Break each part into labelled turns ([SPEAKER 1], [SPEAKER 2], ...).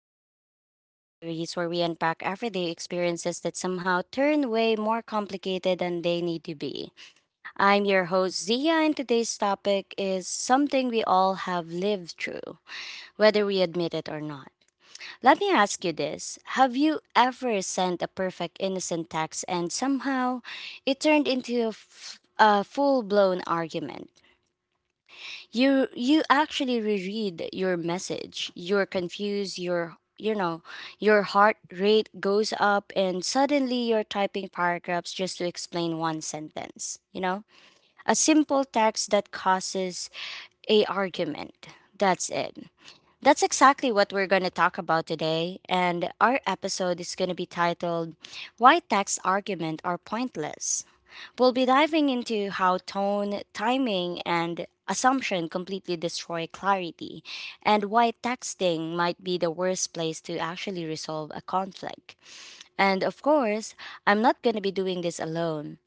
[SPEAKER 1] the Real Talk Diaries, where we unpack everyday experiences that somehow turn way more complicated than they need to be. I'm your host, Zia, and today's topic is something we all have lived through, whether we admit it or not. Let me ask you this: have you ever sent a perfect innocent text and somehow it turned into a full blown argument? You actually reread your message, you're confused. Your your heart rate goes up, and suddenly you're typing paragraphs just to explain one sentence. A simple text that causes a argument that's it, that's exactly what we're going to talk about today. And our episode is going to be titled "Why Text Argument Are Pointless." We'll be diving into how tone, timing, and assumption completely destroy clarity, and why texting might be the worst place to actually resolve a conflict. And of course, I'm not going to be doing this alone.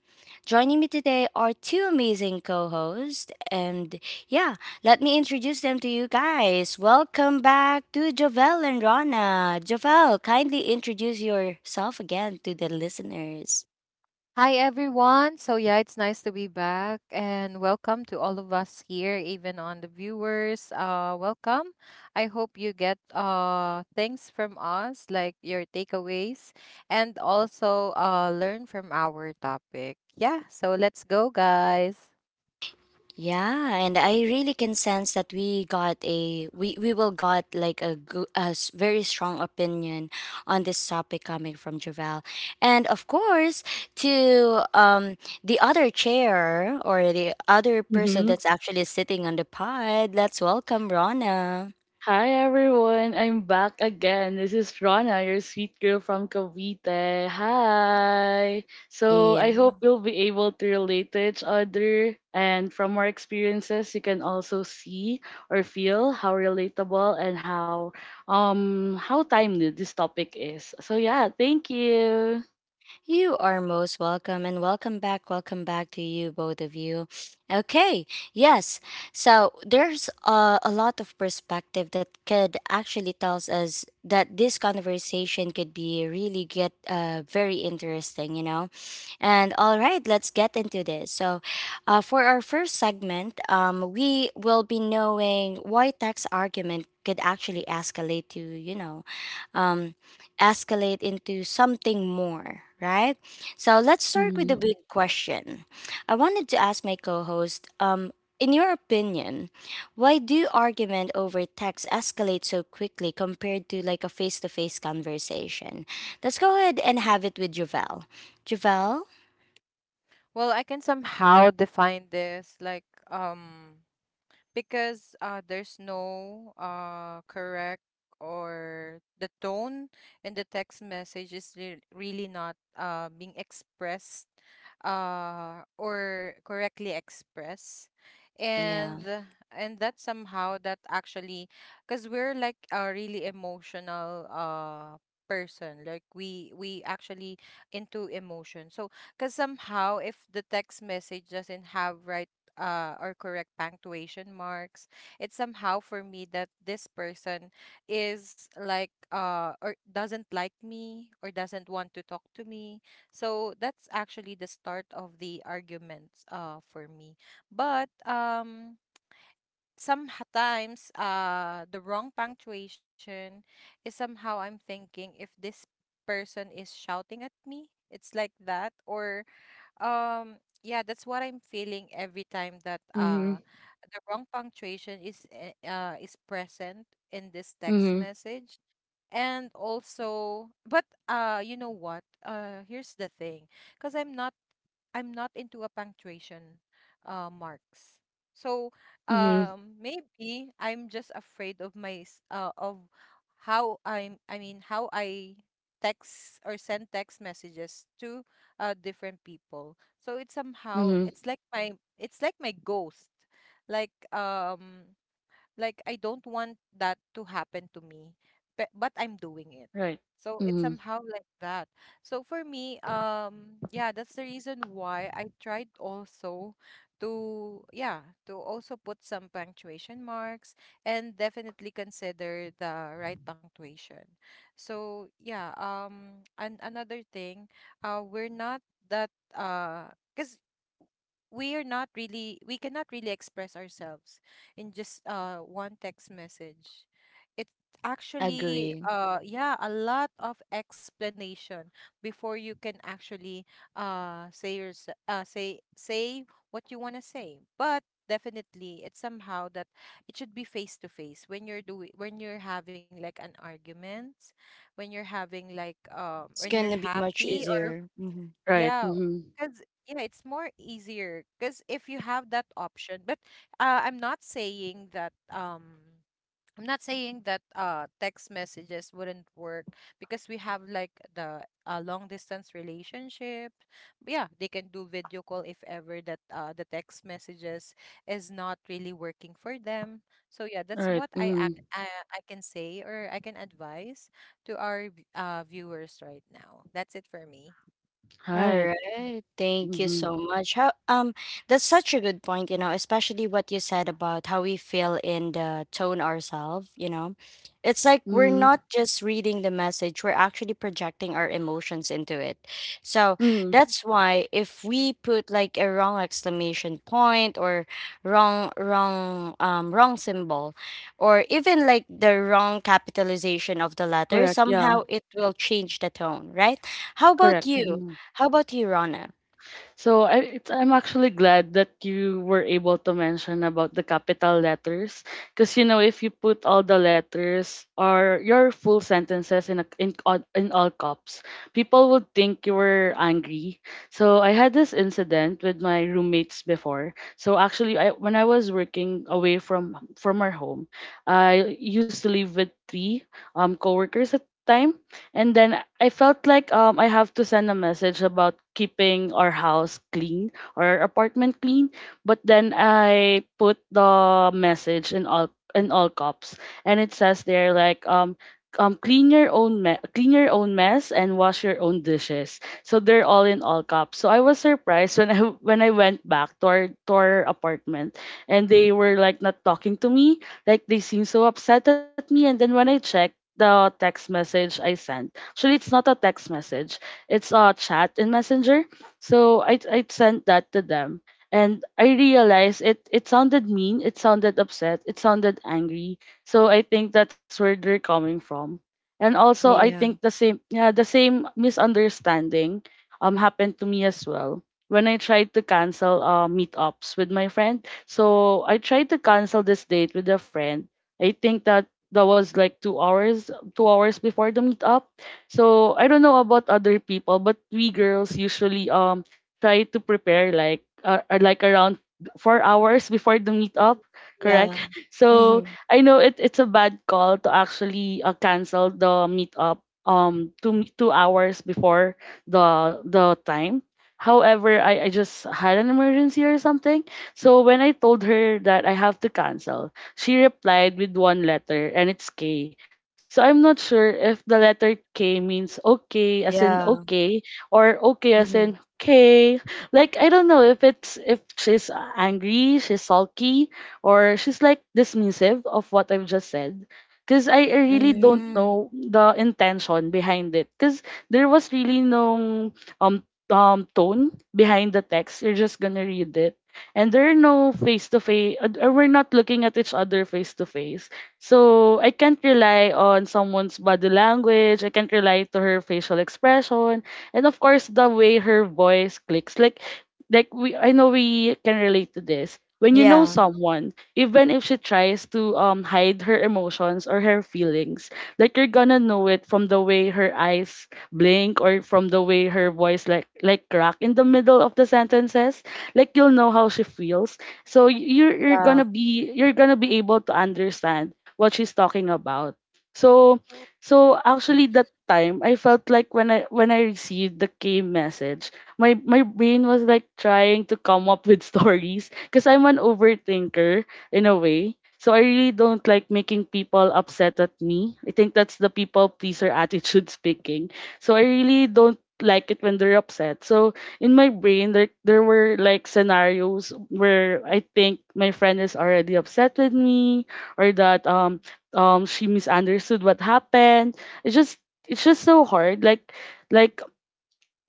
[SPEAKER 1] Joining me today are two amazing co hosts, and yeah, let me introduce them to you guys. Welcome back to Jovel and Rana. Jovel, kindly introduce yourself again to the listeners.
[SPEAKER 2] Hi everyone. It's nice to be back and welcome to all of us here, even on the viewers. Welcome. I hope you get things from us like your takeaways and also learn from our topic. Yeah, so let's go guys.
[SPEAKER 1] Yeah, and I really can sense that we will got like a very strong opinion on this topic coming from Javel, and of course to the other chair or the other person
[SPEAKER 3] Mm-hmm.
[SPEAKER 1] that's actually sitting on the pod. Let's welcome Rana.
[SPEAKER 3] Hi everyone, I'm back again. This is Rana, your sweet girl from Cavite. Hi. So I hope you'll be able to relate to each other, and from our experiences, you can also see or feel how relatable and how timely this topic is. So yeah, thank you.
[SPEAKER 1] You are most welcome and welcome back. Welcome back to you, both of you. Okay, yes. So there's a lot of perspective that could actually tells us that this conversation could be really get very interesting, you know. And all right, let's get into this. So, for our first segment, we will be knowing why tax argument could actually escalate to um, escalate into something more, right? So let's start with the
[SPEAKER 3] Mm-hmm.
[SPEAKER 1] big question. I wanted to ask my co-host, in your opinion, why do argument over text escalate so quickly compared to like a face-to-face conversation? Let's go ahead and have it with Javel. Javel?
[SPEAKER 2] Well, I can somehow define this like um because there's no correct or the tone in the text message is really not being expressed or correctly expressed
[SPEAKER 1] Yeah,
[SPEAKER 2] and that somehow that actually because we're like a really emotional person like we actually into emotion, so because somehow if the text message doesn't have right or correct punctuation marks. It's somehow for me that this person is like or doesn't like me or doesn't want to talk to me. So that's actually the start of the arguments for me. But sometimes the wrong punctuation is somehow I'm thinking if this person is shouting at me. It's like that, or um, yeah, that's what I'm feeling every time that
[SPEAKER 3] Mm-hmm.
[SPEAKER 2] the wrong punctuation is is present in this text
[SPEAKER 3] Mm-hmm.
[SPEAKER 2] message. And also, but you know what? Here's the thing, because I'm not into a punctuation marks. So
[SPEAKER 3] Mm-hmm.
[SPEAKER 2] maybe I'm just afraid of of how I'm. I mean, how I text or send text messages to different people. So it's somehow
[SPEAKER 3] Mm-hmm.
[SPEAKER 2] it's like my ghost. Like um, like I don't want that to happen to me, but I'm doing it.
[SPEAKER 3] Right.
[SPEAKER 2] So it's
[SPEAKER 3] Mm-hmm.
[SPEAKER 2] somehow like that. So for me, yeah, that's the reason why I tried also to, yeah, to also put some punctuation marks and definitely consider the right punctuation. So yeah, and another thing, we're not that, uh, because we cannot really express ourselves in just one text message. It actually
[SPEAKER 1] agree.
[SPEAKER 2] yeah, a lot of explanation before you can actually say what you want to say. But definitely it's somehow that it should be face to face when you're having like an argument, when you're having like
[SPEAKER 1] It's
[SPEAKER 2] when you're
[SPEAKER 1] gonna be much
[SPEAKER 2] happy or
[SPEAKER 1] easier.
[SPEAKER 3] Right.
[SPEAKER 2] yeah,
[SPEAKER 3] Mm-hmm.
[SPEAKER 2] because yeah, it's more easier because if you have that option, but I'm not saying that text messages wouldn't work because we have like the long distance relationship. Yeah, they can do video call if ever that the text messages is not really working for them. So yeah, that's
[SPEAKER 3] Right.
[SPEAKER 2] what
[SPEAKER 3] Mm-hmm.
[SPEAKER 2] I can say or I can advise to our viewers right now. That's it for me.
[SPEAKER 3] Right.
[SPEAKER 1] Alright, thank you
[SPEAKER 3] Mm-hmm.
[SPEAKER 1] so much. How That's such a good point, you know, especially what you said about how we feel in the tone ourselves, you know. It's like
[SPEAKER 3] Mm-hmm.
[SPEAKER 1] we're not just reading the message, we're actually projecting our emotions into it. So
[SPEAKER 3] Mm,
[SPEAKER 1] that's why if we put like a wrong exclamation point or wrong symbol, or even like the wrong capitalization of the letter,
[SPEAKER 3] correct. Yeah,
[SPEAKER 1] somehow it will change the tone, right? How about
[SPEAKER 3] correct.
[SPEAKER 1] you?
[SPEAKER 3] Hmm.
[SPEAKER 1] How about you, Rana?
[SPEAKER 3] So I'm actually glad that you were able to mention about the capital letters, because you know if you put all the letters or your full sentences in all caps, people would think you were angry. So I had this incident with my roommates before. So actually, I when I was working away from our home, I used to live with three coworkers at time. And then I felt like I have to send a message about keeping our house clean, our apartment clean. But then I put the message in all caps, and it says there like clean your own mess and wash your own dishes. So they're all in all caps. So I was surprised when I when I went back to our apartment, and they were like not talking to me. Like they seemed so upset at me. And then when I checked the text message I sent. Actually, it's not a text message. It's a chat in Messenger. So I sent that to them, and I realized it sounded mean, it sounded upset, it sounded angry. So I think that's where they're coming from. And also, I
[SPEAKER 1] Yeah,
[SPEAKER 3] think the same, the same misunderstanding happened to me as well when I tried to cancel meetups with my friend. So I tried to cancel this date with a friend. I think that was like 2 hours, 2 hours before the meetup. So I don't know about other people, but we girls usually try to prepare like around 4 hours before the meetup, correct?
[SPEAKER 1] yeah,
[SPEAKER 3] So
[SPEAKER 1] mm-hmm,
[SPEAKER 3] I know it it's a bad call to actually cancel the meetup two two hours before the time. However, I just had an emergency or something. So when I told her that I have to cancel, she replied with one letter and it's K. So I'm not sure if the letter K means okay as in
[SPEAKER 1] yeah,
[SPEAKER 3] okay or okay as in
[SPEAKER 1] mm-hmm,
[SPEAKER 3] K. Like I don't know if it's if she's angry, she's sulky, or she's like dismissive of what I've just said. Because I really don't
[SPEAKER 1] mm-hmm,
[SPEAKER 3] know the intention behind it. Because there was really no um tone behind the text. You're just gonna read it. And there are no face to face, we're not looking at each other face to face. So I can't rely on someone's body language. I can't rely to her facial expression, and of course the way her voice clicks. Like, I know we can relate to this. When you know
[SPEAKER 1] yeah,
[SPEAKER 3] someone, even if she tries to hide her emotions or her feelings, like you're gonna know it from the way her eyes blink or from the way her voice like crack in the middle of the sentences. Like you'll know how she feels so
[SPEAKER 1] yeah,
[SPEAKER 3] you're gonna be able to understand what she's talking about. So so actually that time I felt like when I received the K message, my brain was like trying to come up with stories because I'm an overthinker in a way. So I really don't like making people upset at me. I think that's the people pleaser attitude speaking. So I really don't like it when they're upset. So in my brain there were like scenarios where I think my friend is already upset with me or that she misunderstood what happened. It's just so hard. Like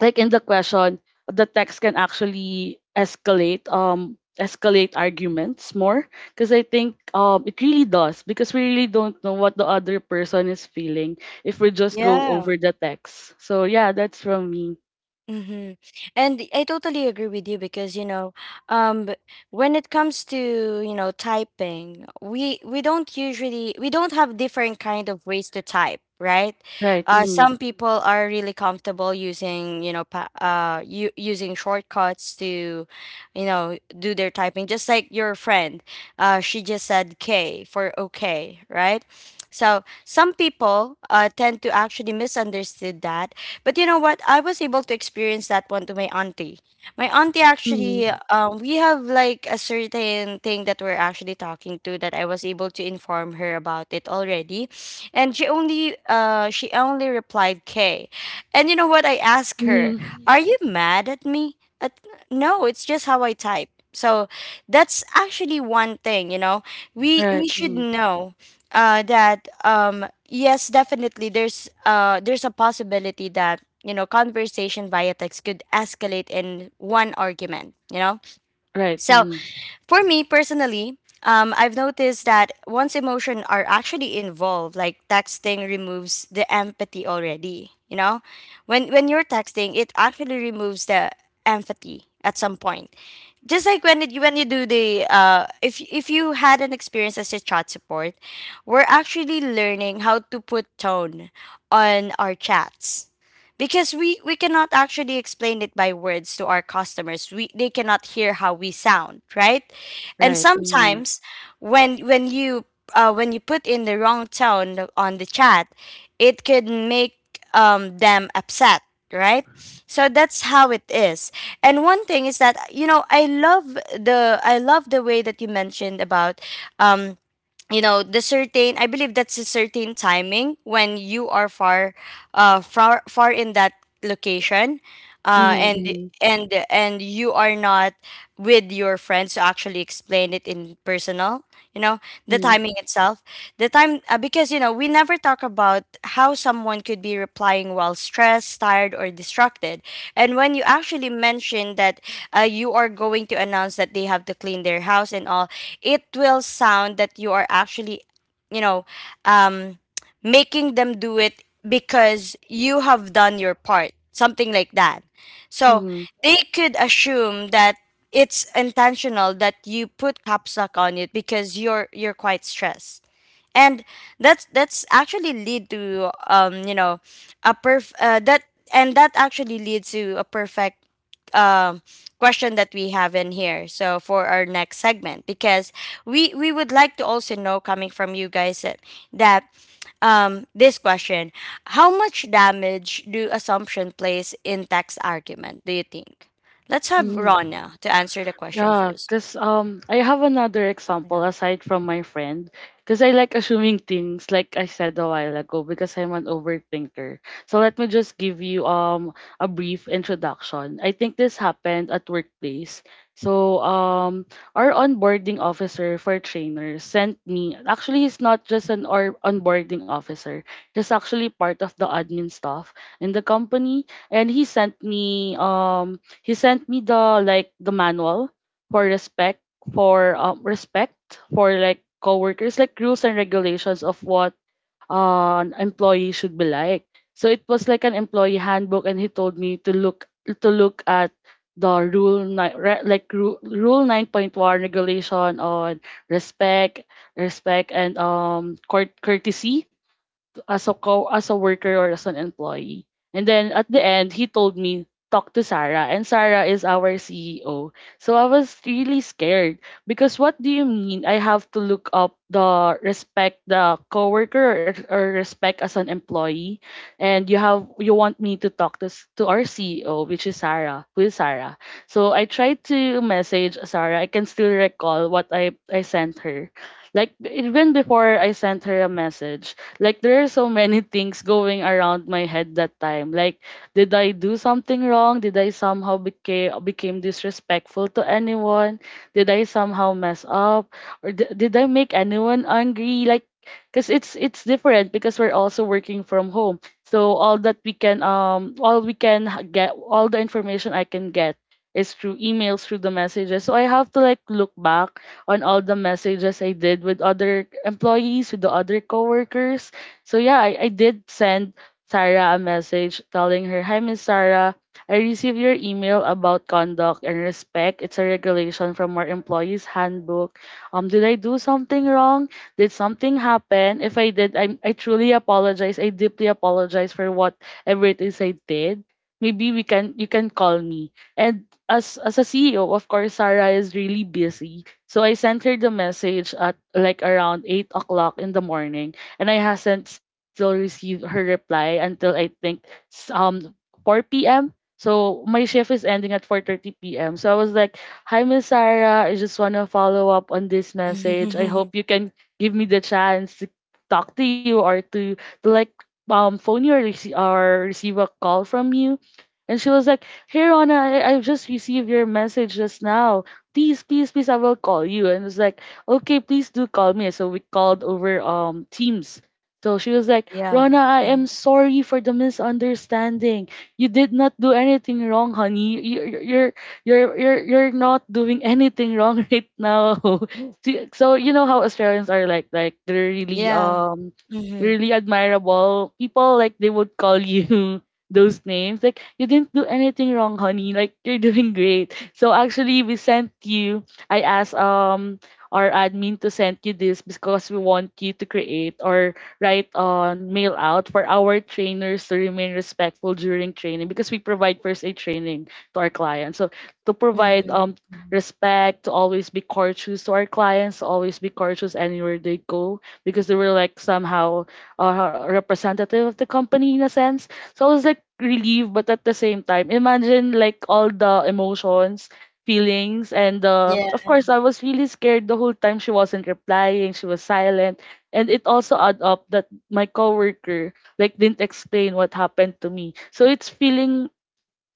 [SPEAKER 3] like in the question, the text can actually escalate escalate arguments more because I think it really does because we really don't know what the other person is feeling if we just go
[SPEAKER 1] yeah.
[SPEAKER 3] over the text. So yeah, that's from me.
[SPEAKER 1] Mm-hmm. And I totally agree with you because you know, um, b- when it comes to you know typing, we don't usually we don't have different kind of ways to type, right?
[SPEAKER 3] Right. Mm-hmm.
[SPEAKER 1] Some people are really comfortable using you know using shortcuts to, you know, do their typing. Just like your friend, she just said K for okay, right? So some people tend to actually misunderstood that. But you know what? I was able to experience that one to my auntie. My auntie
[SPEAKER 3] Mm-hmm.
[SPEAKER 1] actually, we have like a certain thing that we're actually talking to that I was able to inform her about it already, and she only replied K. And you know what? I asked her,
[SPEAKER 3] Mm-hmm.
[SPEAKER 1] "Are you mad at me?" At, no, it's just how I type. So that's actually one thing, you know. We
[SPEAKER 3] Right.
[SPEAKER 1] should
[SPEAKER 3] Mm-hmm.
[SPEAKER 1] know that yes, definitely there's a possibility that you know conversation via text could escalate in one argument, you know.
[SPEAKER 3] Right.
[SPEAKER 1] So
[SPEAKER 3] Mm-hmm.
[SPEAKER 1] for me personally, I've noticed that once emotion are actually involved, like texting removes the empathy already, you know. When you're texting, it actually removes the empathy at some point. Just like when you do the if you had an experience as a chat support, we're actually learning how to put tone on our chats, because we cannot actually explain it by words to our customers. We, they cannot hear how we sound, right? And
[SPEAKER 3] Right. Mm-hmm.
[SPEAKER 1] sometimes when you when you put in the wrong tone on the chat, it could make them upset, right? So that's how it is. And one thing is that you know, I love the way that you mentioned about um you know the certain, I believe that's a certain timing when you are far far in that location, and
[SPEAKER 3] Mm-hmm.
[SPEAKER 1] and you are not with your friends to actually explain it in personal, you know, the
[SPEAKER 3] Mm-hmm.
[SPEAKER 1] timing itself, the time because you know we never talk about how someone could be replying while stressed, tired, or distracted. And when you actually mention that you are going to announce that they have to clean their house and all, it will sound that you are actually, you know, um making them do it because you have done your part, something like that. So
[SPEAKER 3] Mm-hmm.
[SPEAKER 1] they could assume that it's intentional that you put caps lock on it, because you're quite stressed. And that's actually lead to you know a perf that and that actually leads to a perfect um question that we have in here. So for our next segment, because we would like to also know coming from you guys that, that this question: how much damage do assumption plays in text argument, do you think? Let's have
[SPEAKER 3] Mm-hmm.
[SPEAKER 1] Rona to answer the question
[SPEAKER 3] Yeah,
[SPEAKER 1] first.
[SPEAKER 3] because I have another example
[SPEAKER 2] Yeah,
[SPEAKER 3] aside from my friend. Because I like assuming things, like I said a while ago, because I'm an overthinker. So let me just give you a brief introduction. I think this happened at workplace. So our onboarding officer for trainers sent me. Actually, he's not just an or onboarding officer. He's actually part of the admin staff in the company, and he sent me the like the manual for respect for respect for like coworkers, like rules and regulations of what an employee should be like. So it was like an employee handbook and he told me to look at the rule nine, rule 9.1 regulation on respect respect and courtesy as a worker or as an employee. And then at the end, he told me talk to Sarah, and Sarah is our CEO. So I was really scared, because what do you mean? I have to look up the respect the coworker, or respect as an employee, and you want me to talk to to our CEO, which is Sarah, who is Sarah. So I tried to message Sarah. I can still recall what I sent her. Like even before I sent her a message, like there are so many things going around my head that time. Like, did I do something wrong? Did I somehow became disrespectful to anyone? Did I somehow mess up? Or did I make anyone angry? Like, cause it's different because we're also working from home. So all we can h- get all the information I can get is through emails, through the messages. So I have to like look back on all the messages I did with other employees, with the other coworkers. So yeah, I did send Sarah a message telling her, "Hi Miss Sarah, I received your email about conduct and respect. It's a regulation from our employees handbook. Did I do something wrong? Did something happen? If I did, I truly apologize. I deeply apologize for whatever it is I did. Maybe we can you can call me." And as a CEO, of course, Sarah is really busy. So I sent her the message at like around 8 o'clock in the morning and I hasn't still received her reply until I think s- um 4 p.m. So my shift is ending at 4:30 p.m. So I was like, "Hi Miss Sarah, I just want to follow up on this message. I hope you can give me the chance to talk to you or to like phone you, or receive a call from you." And she was like, "Hey Rona, I just received your message just now. Please, please, please, I will call you." And it's like, okay, please do call me. So we called over Teams. So she was like,
[SPEAKER 1] Yeah.
[SPEAKER 3] "Rona, I am
[SPEAKER 1] Mhm.
[SPEAKER 3] sorry for the misunderstanding. You did not do anything wrong, honey. You're not doing anything wrong right now." See, so you know how Australians are like they're really
[SPEAKER 1] Yeah.
[SPEAKER 3] really admirable people. Like they would call you those names. Like you didn't do anything wrong, honey. Like you're doing great. "So actually, we sent you. I asked our admin to send you this because we want you to create or write on mail out for our trainers to remain respectful during training because we provide first aid training to our clients. So to provide
[SPEAKER 1] Mhm, mhm.
[SPEAKER 3] respect, to always be courteous to our clients, to always be courteous anywhere they go because they were like somehow representative of the company in a sense." So I was like relieved, but at the same time, imagine like all the emotions, feelings. And
[SPEAKER 1] Yeah,
[SPEAKER 3] of course, I was really scared the whole time she wasn't replying, she was silent. And it also add up that my coworker like didn't explain what happened to me. So it's feeling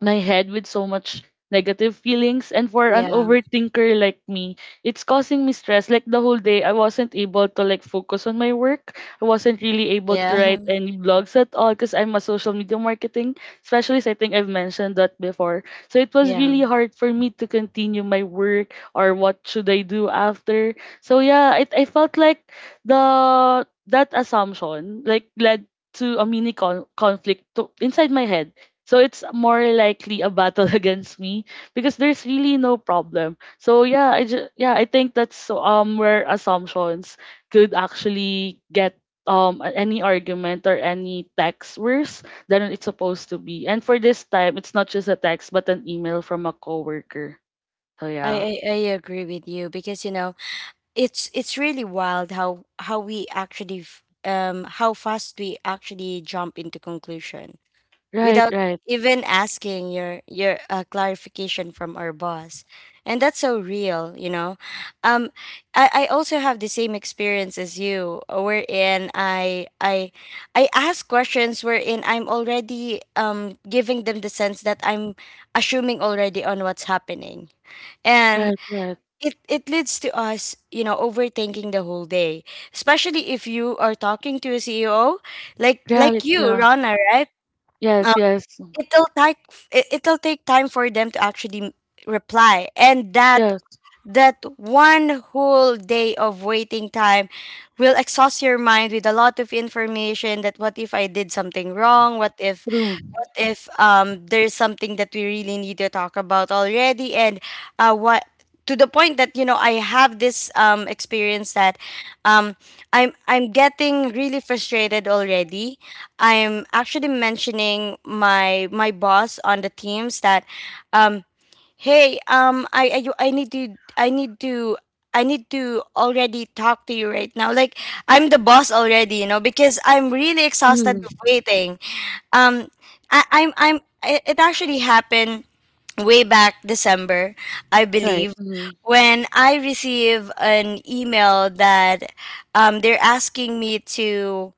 [SPEAKER 3] my head with so much negative feelings, and for an
[SPEAKER 1] yeah,
[SPEAKER 3] overthinker like me, it's causing me stress. Like, the whole day I wasn't able to like focus on my work. I wasn't really able to
[SPEAKER 1] yeah,
[SPEAKER 3] write any blogs at all because I'm a social media marketing specialist. I think I've mentioned that before. So it was
[SPEAKER 1] yeah.
[SPEAKER 3] really hard for me to continue my work or what should I do after. So yeah, I felt like the that assumption like led to a mini conflict, inside my head. So it's more likely a battle against me because there's really no problem. So yeah, yeah, I think that's so, where assumptions could actually get any argument or any text worse than it's supposed to be. And for this time, it's not just a text but an email from a coworker. So yeah.
[SPEAKER 1] I agree with you because you know it's really wild how how fast we actually jump into conclusion,
[SPEAKER 3] Right,
[SPEAKER 1] without
[SPEAKER 3] right,
[SPEAKER 1] even asking your clarification from our boss. And that's so real, you know. Um I, I also have the same experience as you wherein I ask questions wherein I'm already giving them the sense that I'm assuming already on what's happening. And
[SPEAKER 3] right, right.
[SPEAKER 1] it leads to us you know overthinking the whole day, especially if you are talking to a CEO, like
[SPEAKER 3] Right,
[SPEAKER 1] you,
[SPEAKER 3] yeah.
[SPEAKER 1] Rana, right?
[SPEAKER 3] Yes, yes.
[SPEAKER 1] It'll take it, it'll take time for them to actually reply. And that
[SPEAKER 3] Yes,
[SPEAKER 1] that one whole day of waiting time will exhaust your mind with a lot of information. That what if I did something wrong, what if
[SPEAKER 3] true.
[SPEAKER 1] there's something that we really need to talk about already, and what to the point that you know I have this experience that um I'm getting really frustrated already. I'm actually mentioning my my boss on the teams that um hey, I need to, I need to, I need to already talk to you right now. Like, I'm the boss already, you know, because I'm really exhausted
[SPEAKER 3] Mm-hmm.
[SPEAKER 1] of waiting. Um, I, I'm, it actually happened way back December, I
[SPEAKER 3] Right.
[SPEAKER 1] believe,
[SPEAKER 3] Mm-hmm.
[SPEAKER 1] when I receive an email that they're asking me to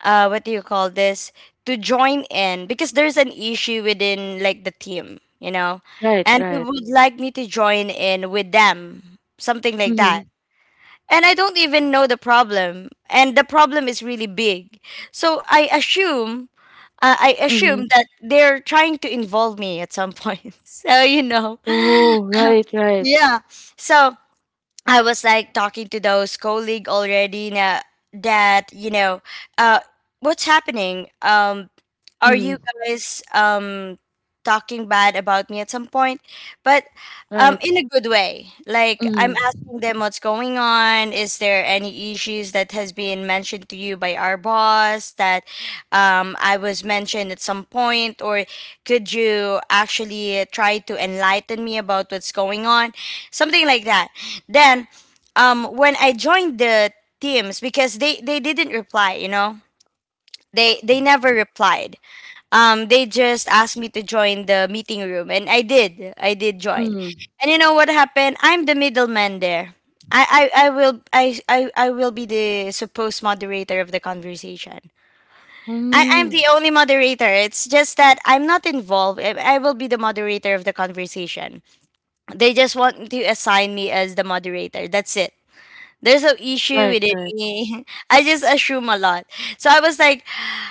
[SPEAKER 1] what do you call this to join in because there's an issue within like the team, you know,
[SPEAKER 3] Right,
[SPEAKER 1] and they
[SPEAKER 3] right.
[SPEAKER 1] would like me to join in with them, something like that. And I don't even know the problem, and the problem is really big. So I assume, I
[SPEAKER 3] Mm-hmm.
[SPEAKER 1] assume that they're trying to involve me at some point. So you know,
[SPEAKER 3] Oh, right, right.
[SPEAKER 1] yeah. So I was like talking to those colleague already na, that you know uh what's happening, are
[SPEAKER 3] Mhm.
[SPEAKER 1] you guys talking bad about me at some point? But
[SPEAKER 3] Right.
[SPEAKER 1] in a good way. Like I'm
[SPEAKER 3] Mhm.
[SPEAKER 1] asking them what's going on. Is there any issues that has been mentioned to you by our boss that I was mentioned at some point, or could you actually try to enlighten me about what's going on? Something like that. Then, when I joined the teams, because they didn't reply, you know, they never replied, they just asked me to join the meeting room, and I did. I did join.
[SPEAKER 3] Mhm.
[SPEAKER 1] And you know what happened? I'm the middleman there. I will be the supposed moderator of the conversation. I'm
[SPEAKER 3] Mm.
[SPEAKER 1] the only moderator. It's just that I'm not involved. I will be the moderator of the conversation. They just want to assign me as the moderator. That's it. There's no issue
[SPEAKER 3] Right,
[SPEAKER 1] with it.
[SPEAKER 3] right.
[SPEAKER 1] I just assume a lot. So I was like,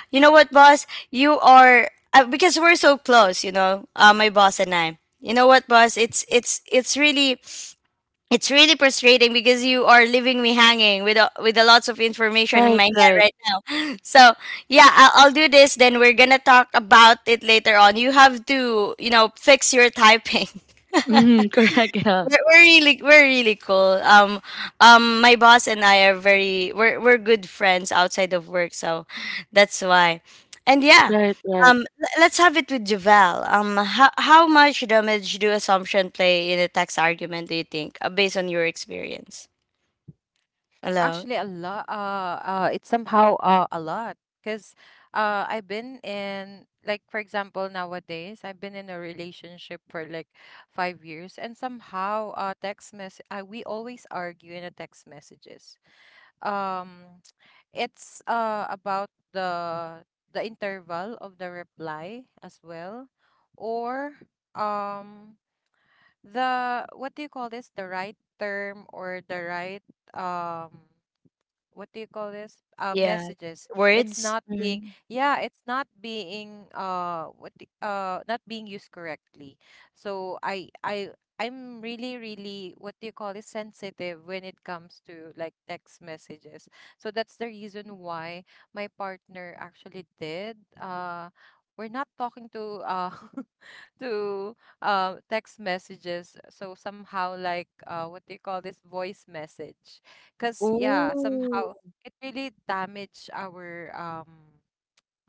[SPEAKER 1] you know what, boss? You are because we're so close. You know, my boss and I. You know what, boss? It's really it's really frustrating because you are leaving me hanging with with a lots of information in
[SPEAKER 3] Right,
[SPEAKER 1] my head
[SPEAKER 3] right.
[SPEAKER 1] right now. So yeah, I'll do this. Then we're gonna talk about it later on. You have to fix your typing.
[SPEAKER 3] Mhm. Correct, yeah.
[SPEAKER 1] We're really cool. My boss and I are very we're good friends outside of work, so that's why. And yeah,
[SPEAKER 3] Right, right.
[SPEAKER 1] let's have it with Javel. How much damage do assumption play in a tax argument? Do you think, based on your experience? Hello.
[SPEAKER 2] actually, a lot. It's somehow a lot because I've been in like for example nowadays I've been in a relationship for like 5 years, and somehow text mess. We always argue in the text messages. Um, it's about the interval of the reply as well, or um. The what do you call this the right term or the right um what do you call this
[SPEAKER 1] Yeah.
[SPEAKER 2] messages it's
[SPEAKER 1] Words?
[SPEAKER 2] not being
[SPEAKER 1] Mhm.
[SPEAKER 2] yeah, it's not being not being used correctly. So I'm really really, what do you call this sensitive when it comes to like text messages. So that's the reason why my partner actually did we're not talking to to text messages, so somehow like what do you call this voice message, because yeah,
[SPEAKER 1] Ooh.
[SPEAKER 2] somehow it really damaged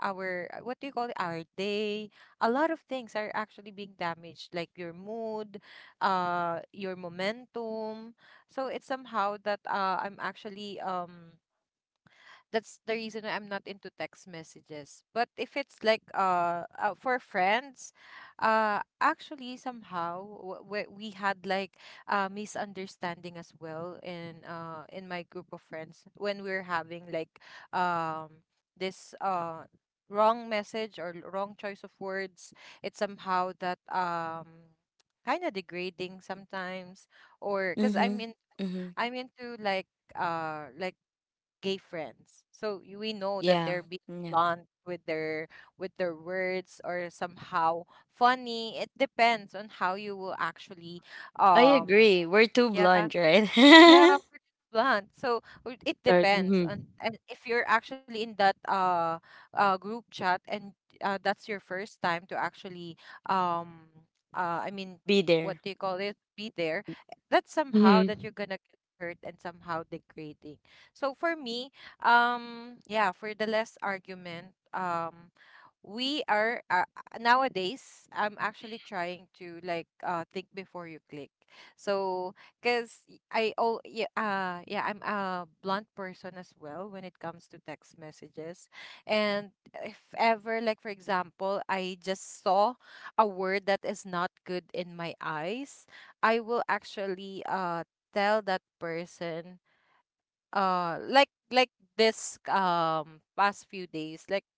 [SPEAKER 2] our what do you call it? our day. A lot of things are actually being damaged, like your mood, your momentum. So it's somehow that I'm actually that's the reason why I'm not into text messages. But if it's like for friends, actually somehow we had like misunderstanding as well in my group of friends when we're having like um this wrong message or wrong choice of words. It's somehow that kind of degrading sometimes, or because
[SPEAKER 1] Mhm. Mhm.
[SPEAKER 2] I'm into like gay friends. So we know that
[SPEAKER 1] Yeah.
[SPEAKER 2] they're being
[SPEAKER 1] Yeah.
[SPEAKER 2] blunt with their words or somehow funny. It depends on how you will actually
[SPEAKER 1] I
[SPEAKER 2] um
[SPEAKER 1] agree. We're too
[SPEAKER 2] yeah,
[SPEAKER 1] blunt, right?
[SPEAKER 2] yeah, we blunt. So it
[SPEAKER 3] Right.
[SPEAKER 2] depends on,
[SPEAKER 3] Mhm.
[SPEAKER 2] and if you're actually in that group chat and that's your first time to actually um I mean
[SPEAKER 1] Be
[SPEAKER 2] what
[SPEAKER 1] there.
[SPEAKER 2] do you call it? Be there. That's somehow
[SPEAKER 3] Mhm.
[SPEAKER 2] that you're gonna get hurt and somehow degrading. So for me, yeah, for the less argument, we are nowadays I'm actually trying to like think before you click. So because I all yeah yeah, I'm a blunt person as well when it comes to text messages. And if ever like for example I just saw a word that is not good in my eyes, I will actually tell that person like like this past few days, like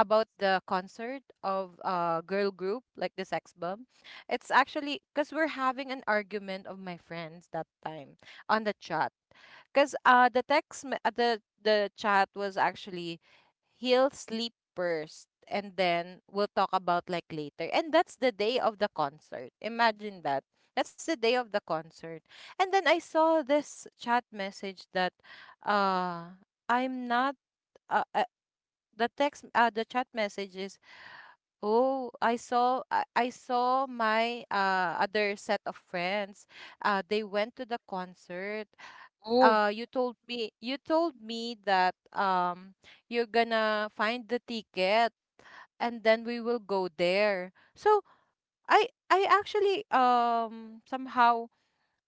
[SPEAKER 2] about the concert of a girl group like the Sex Bomb. It's actually because we're having an argument of my friends that time on the chat. Because the chat was actually he'll sleep first and then we'll talk about like later. And that's the day of the concert. Imagine that. That's the day of the concert. And then I saw this chat message that uh I'm not I the text the chat messages, oh, I saw my other set of friends they went to the concert.
[SPEAKER 1] Oh,
[SPEAKER 2] "You told me, you told me that you're gonna find the ticket and then we will go there." So I actually, somehow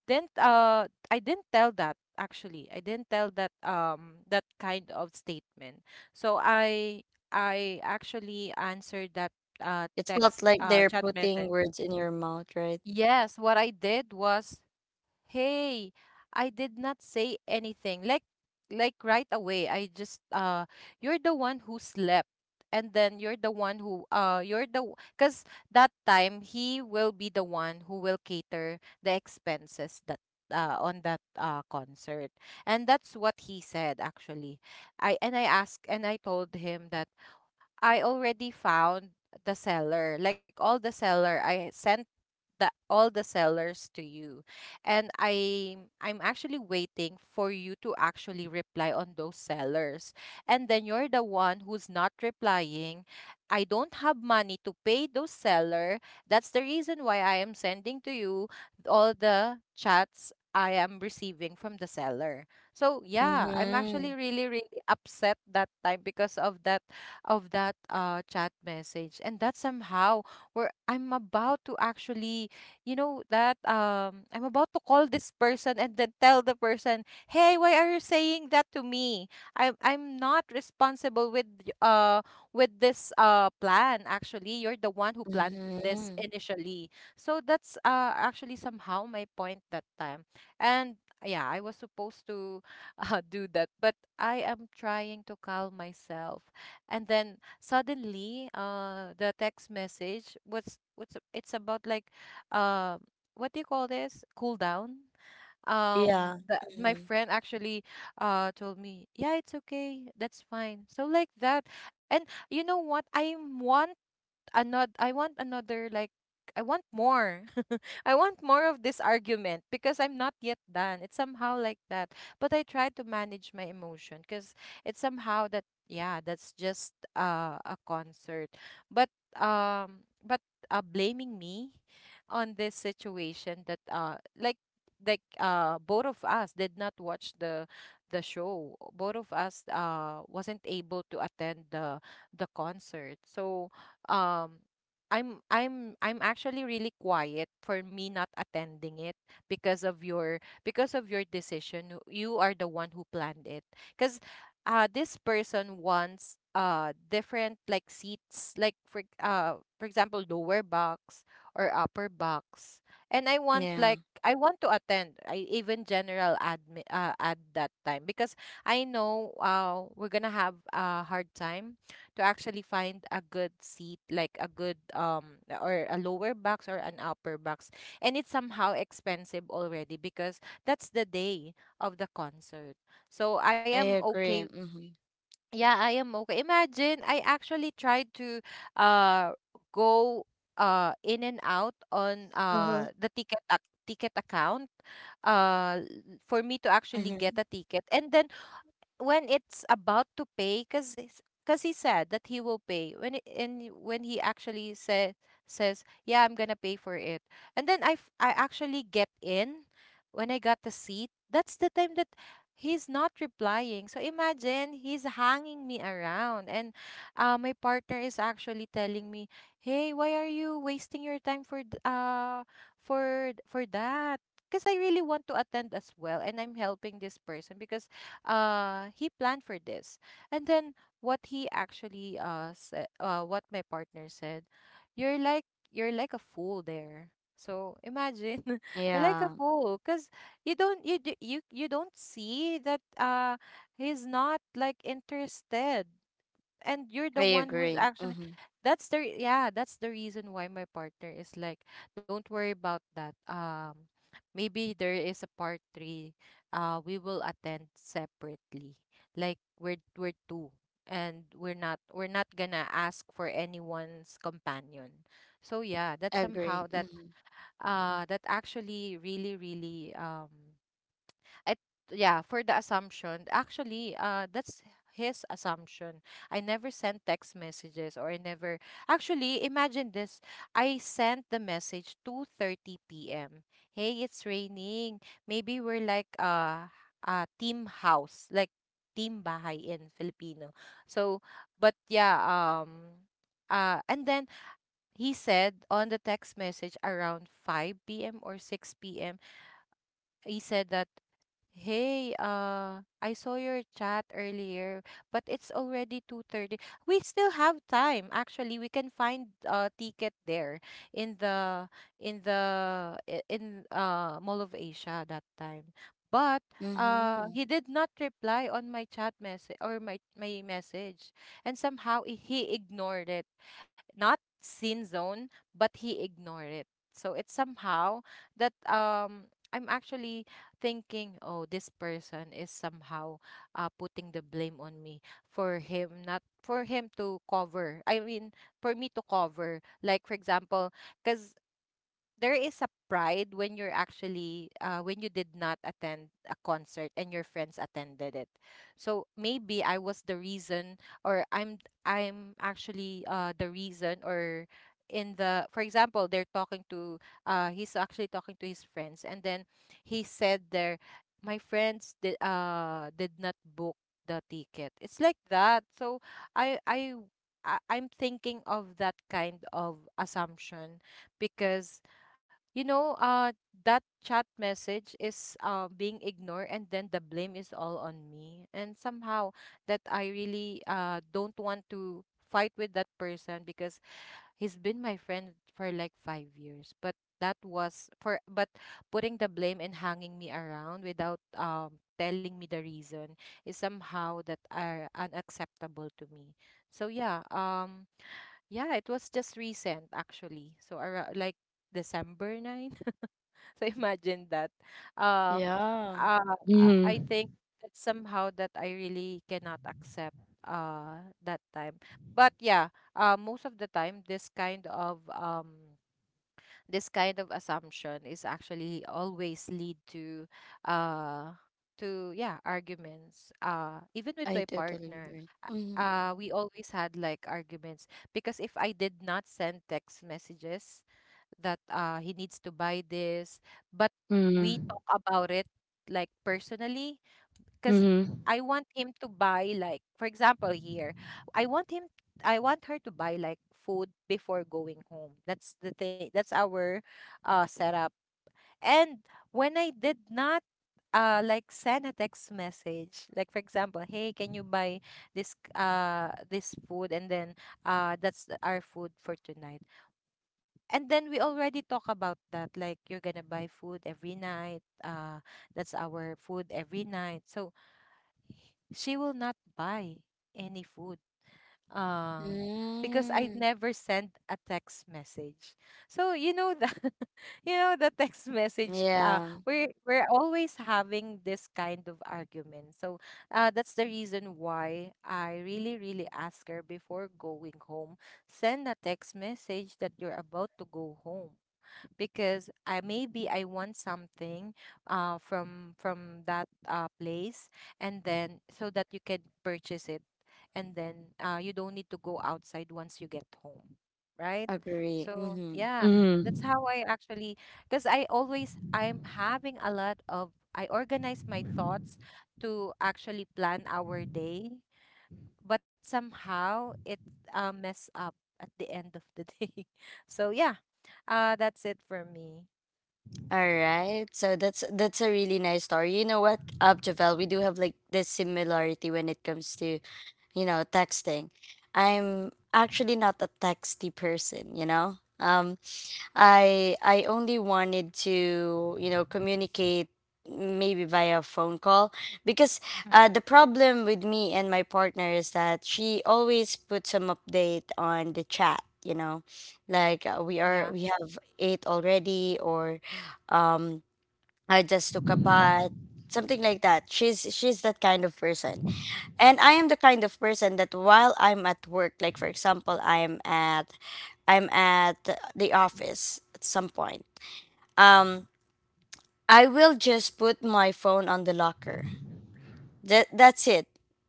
[SPEAKER 2] didn't I didn't tell that actually. I didn't tell that kind of statement. So I actually answered that
[SPEAKER 1] it's
[SPEAKER 2] text
[SPEAKER 1] not like they're
[SPEAKER 2] chat
[SPEAKER 1] putting
[SPEAKER 2] message.
[SPEAKER 1] words in your mouth, right?
[SPEAKER 2] Yes, what I did was, hey, I did not say anything. Like right away, I just you're the one who slept, and then you're the one who you're the because that time he will be the one who will cater the expenses that on that concert. And that's what he said actually. I, and I asked and I told him that I already found the seller, like all the seller. I sent the all the sellers to you, and I'm actually waiting for you to actually reply on those sellers. And then you're the one who's not replying. I don't have money to pay those seller. That's the reason why I am sending to you all the chats I am receiving from the seller. So yeah, I'm actually
[SPEAKER 1] Mhm.
[SPEAKER 2] really really upset that time because of that, of that chat message. And that somehow where I'm about to actually, you know, that I'm about to call this person and then tell the person, hey, why are you saying that to me? I'm I'm not responsible with with this plan. Actually you're the one who planned this
[SPEAKER 1] Mhm.
[SPEAKER 2] initially. So that's actually somehow my point that time. And yeah, I was supposed to do that, but I am trying to calm myself. And then suddenly the text message what's it's about like uh what do you call this cool down.
[SPEAKER 1] Yeah.
[SPEAKER 2] My
[SPEAKER 1] Mhm.
[SPEAKER 2] friend actually told me, yeah, it's okay, that's fine, so like that. And you know what, I want another, like, I want more. I want more of this argument because I'm not yet done. It's somehow like that. But I try to manage my emotion because it's somehow that yeah, that's just a concert. But but blaming me on this situation that both of us did not watch the show, both of us wasn't able to attend the concert. So um I'm actually really quiet for me not attending it because of your, because of your decision. You are the one who planned it. Cuz This person wants different like seats, like for example lower box or upper box. And I want, like,
[SPEAKER 1] Yeah.
[SPEAKER 2] I want to attend. I even general admin at that time because I know we're going to have a hard time to actually find a good seat, like a good or a lower box or an upper box. And it's somehow expensive already because that's the day of the concert. So I
[SPEAKER 1] I
[SPEAKER 2] am okay.
[SPEAKER 1] agree. Mhm.
[SPEAKER 2] Yeah, I am okay. Imagine I actually tried to uh go in and out on
[SPEAKER 1] Uh-huh.
[SPEAKER 2] the ticket account for me to actually get
[SPEAKER 1] Mhm.
[SPEAKER 2] a ticket, and then when it's about to pay because he said that he will pay when it, and when he actually says, yeah, I'm gonna pay for it, and then I actually get in. When I got the seat, that's the time that he's not replying. So imagine, he's hanging me around, and my partner is actually telling me, hey, why are you wasting your time for for that, because I really want to attend as well and I'm helping this person because he planned for this. And then what he actually said, what my partner said, you're like, you're like a fool there. So imagine you're like a
[SPEAKER 1] Yeah.
[SPEAKER 2] fool because you don't you d- you don't see that he's not like interested, and you're the
[SPEAKER 1] I
[SPEAKER 2] one who's
[SPEAKER 1] agree.
[SPEAKER 2] actually—
[SPEAKER 1] Mhm.
[SPEAKER 2] yeah, that's the reason why my partner is like, don't worry about that. Maybe there is a part 3. We will attend separately, like we're two, and we're not, gonna ask for anyone's companion. So yeah, that's somehow
[SPEAKER 1] Agree.
[SPEAKER 2] that
[SPEAKER 1] Mhm.
[SPEAKER 2] that actually really really it— yeah, for the assumption, actually, that's his assumption. I never sent text messages, or I never— actually imagine this, I sent the message 2:30 p.m., hey, it's raining, maybe we're like team house, like team bahay in Filipino. So but yeah, um and then he said on the text message around 5 p.m. or 6 p.m., he said that, hey, I saw your chat earlier, but it's already 2:30. We still have time. Actually, we can find a ticket there in the in Mall of Asia that time. But
[SPEAKER 1] Mhm.
[SPEAKER 2] he did not reply on my chat message or my message, and somehow he ignored it, not sin zone, but he ignored it. So it's somehow that I'm actually thinking, oh, this person is somehow putting the blame on me for him not, for him to cover. I mean, for me to cover. Like for example, because there is a pride when you're actually when you did not attend a concert and your friends attended it. So maybe I was the reason, or I'm— I'm actually the reason, or in the— for example, they're talking to— he's actually talking to his friends, and then he said there, my friends did not book the ticket, it's like that. So i i I'm thinking of that kind of assumption because, you know, uh, that chat message is being ignored, and then the blame is all on me. And somehow that I really don't want to fight with that person because he's been my friend for like 5 years. But that was for— but putting the blame and hanging me around without telling me the reason is somehow that are unacceptable to me. So yeah, yeah, it was just recent actually. So around like December 9. So imagine that. Uh,
[SPEAKER 1] Yeah.
[SPEAKER 2] I
[SPEAKER 3] Mhm.
[SPEAKER 2] think that somehow that I really cannot accept that time. But yeah, most of the time this kind of assumption is actually always lead to uh to, yeah, arguments even with
[SPEAKER 1] I
[SPEAKER 2] my
[SPEAKER 1] totally
[SPEAKER 2] partner.
[SPEAKER 1] agree. Mhm.
[SPEAKER 2] We always had like arguments because if I did not send text messages that he needs to buy this, but we talk
[SPEAKER 3] Mhm.
[SPEAKER 2] about it like personally because I
[SPEAKER 3] Mhm.
[SPEAKER 2] want him to buy, like, for example, here, I want him I want her to buy like food before going home. That's the thing, that's our setup. And when I did not like send a text message, like for example, hey, can you buy this this food, and then our food for tonight. And then we already talk about that, like, you're gonna buy food every night. That's our food every night. So she will not buy any food. Uh, because I
[SPEAKER 1] Mm.
[SPEAKER 2] never sent a text message. So you know that, you know, the text message.
[SPEAKER 1] Yeah.
[SPEAKER 2] We're always having this kind of argument. So that's the reason why I really really ask her before going home, send a text message that you're about to go home, because I— maybe I want something from that place, and then so that you can purchase it, and then you don't need to go outside once you get home, right?
[SPEAKER 1] Agree.
[SPEAKER 2] So
[SPEAKER 1] Mhm.
[SPEAKER 2] yeah, that's
[SPEAKER 3] Mhm.
[SPEAKER 2] how I actually— because I always— I'm having a lot of— I organize my thoughts to actually plan our day, but somehow it mess up at the end of the day. So yeah, that's it for me.
[SPEAKER 1] All right. So that's a really nice story. You know what, Abjavel, we do have like this similarity when it comes to, you know, texting. I'm actually not a texty person, you know? I only wanted to, you know, communicate maybe via phone call because
[SPEAKER 2] hmm
[SPEAKER 1] the problem with me and my partner is that she always puts some update on the chat, you know, like
[SPEAKER 2] Yeah,
[SPEAKER 1] we have ate already, or um, I just took a bath, something like that. She's that kind of person. And I am the kind of person that while I'm at work, like for example, I'm at the office at some point. Um, I will just put my phone on the locker. That that's it.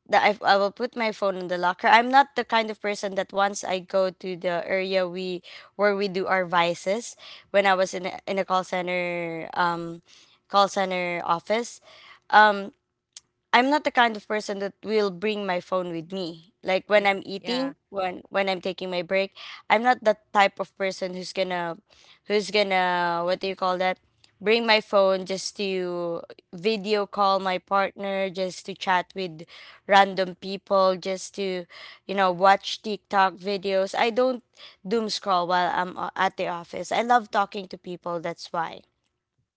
[SPEAKER 1] That I will put my phone in the locker. I'm not the kind of person that once I go to the area we where we do our vices. When I was in a call center, call center office, um, I'm not the kind of person that will bring my phone with me. Like when
[SPEAKER 2] with
[SPEAKER 1] I'm
[SPEAKER 2] me.
[SPEAKER 1] eating,
[SPEAKER 2] Yeah,
[SPEAKER 1] when I'm taking my break, I'm not that type of person who's gonna what do you call that? Bring my phone just to video call my partner, just to chat with random people, just to, you know, watch TikTok videos. I don't doom scroll while at the office. I love talking to people, that's why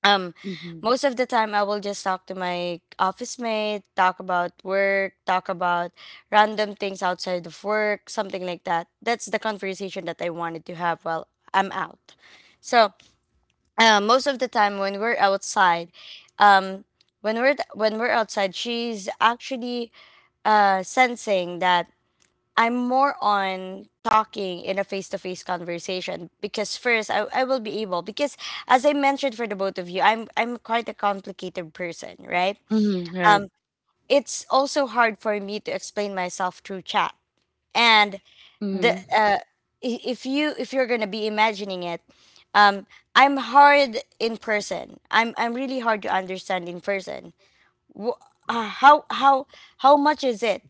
[SPEAKER 1] um,
[SPEAKER 3] Mhm.
[SPEAKER 1] most of the time I will just talk to my office mate, talk about work, talk about random things outside of work, something like that. That's the conversation that I wanted to have while I'm out. So most of the time when we're outside, um when we're outside, she's actually sensing that I'm more on talking in a face to face conversation because first, I will be able because as I mentioned for the both of you, I'm quite a complicated person, right?
[SPEAKER 3] Mhm. Right.
[SPEAKER 1] It's also hard for me to explain myself through chat. And the
[SPEAKER 3] Mhm.
[SPEAKER 1] uh i- if you if you're gonna be imagining it, um, I'm hard in person. I'm really hard to understand in person. Wh- uh, how how how much is it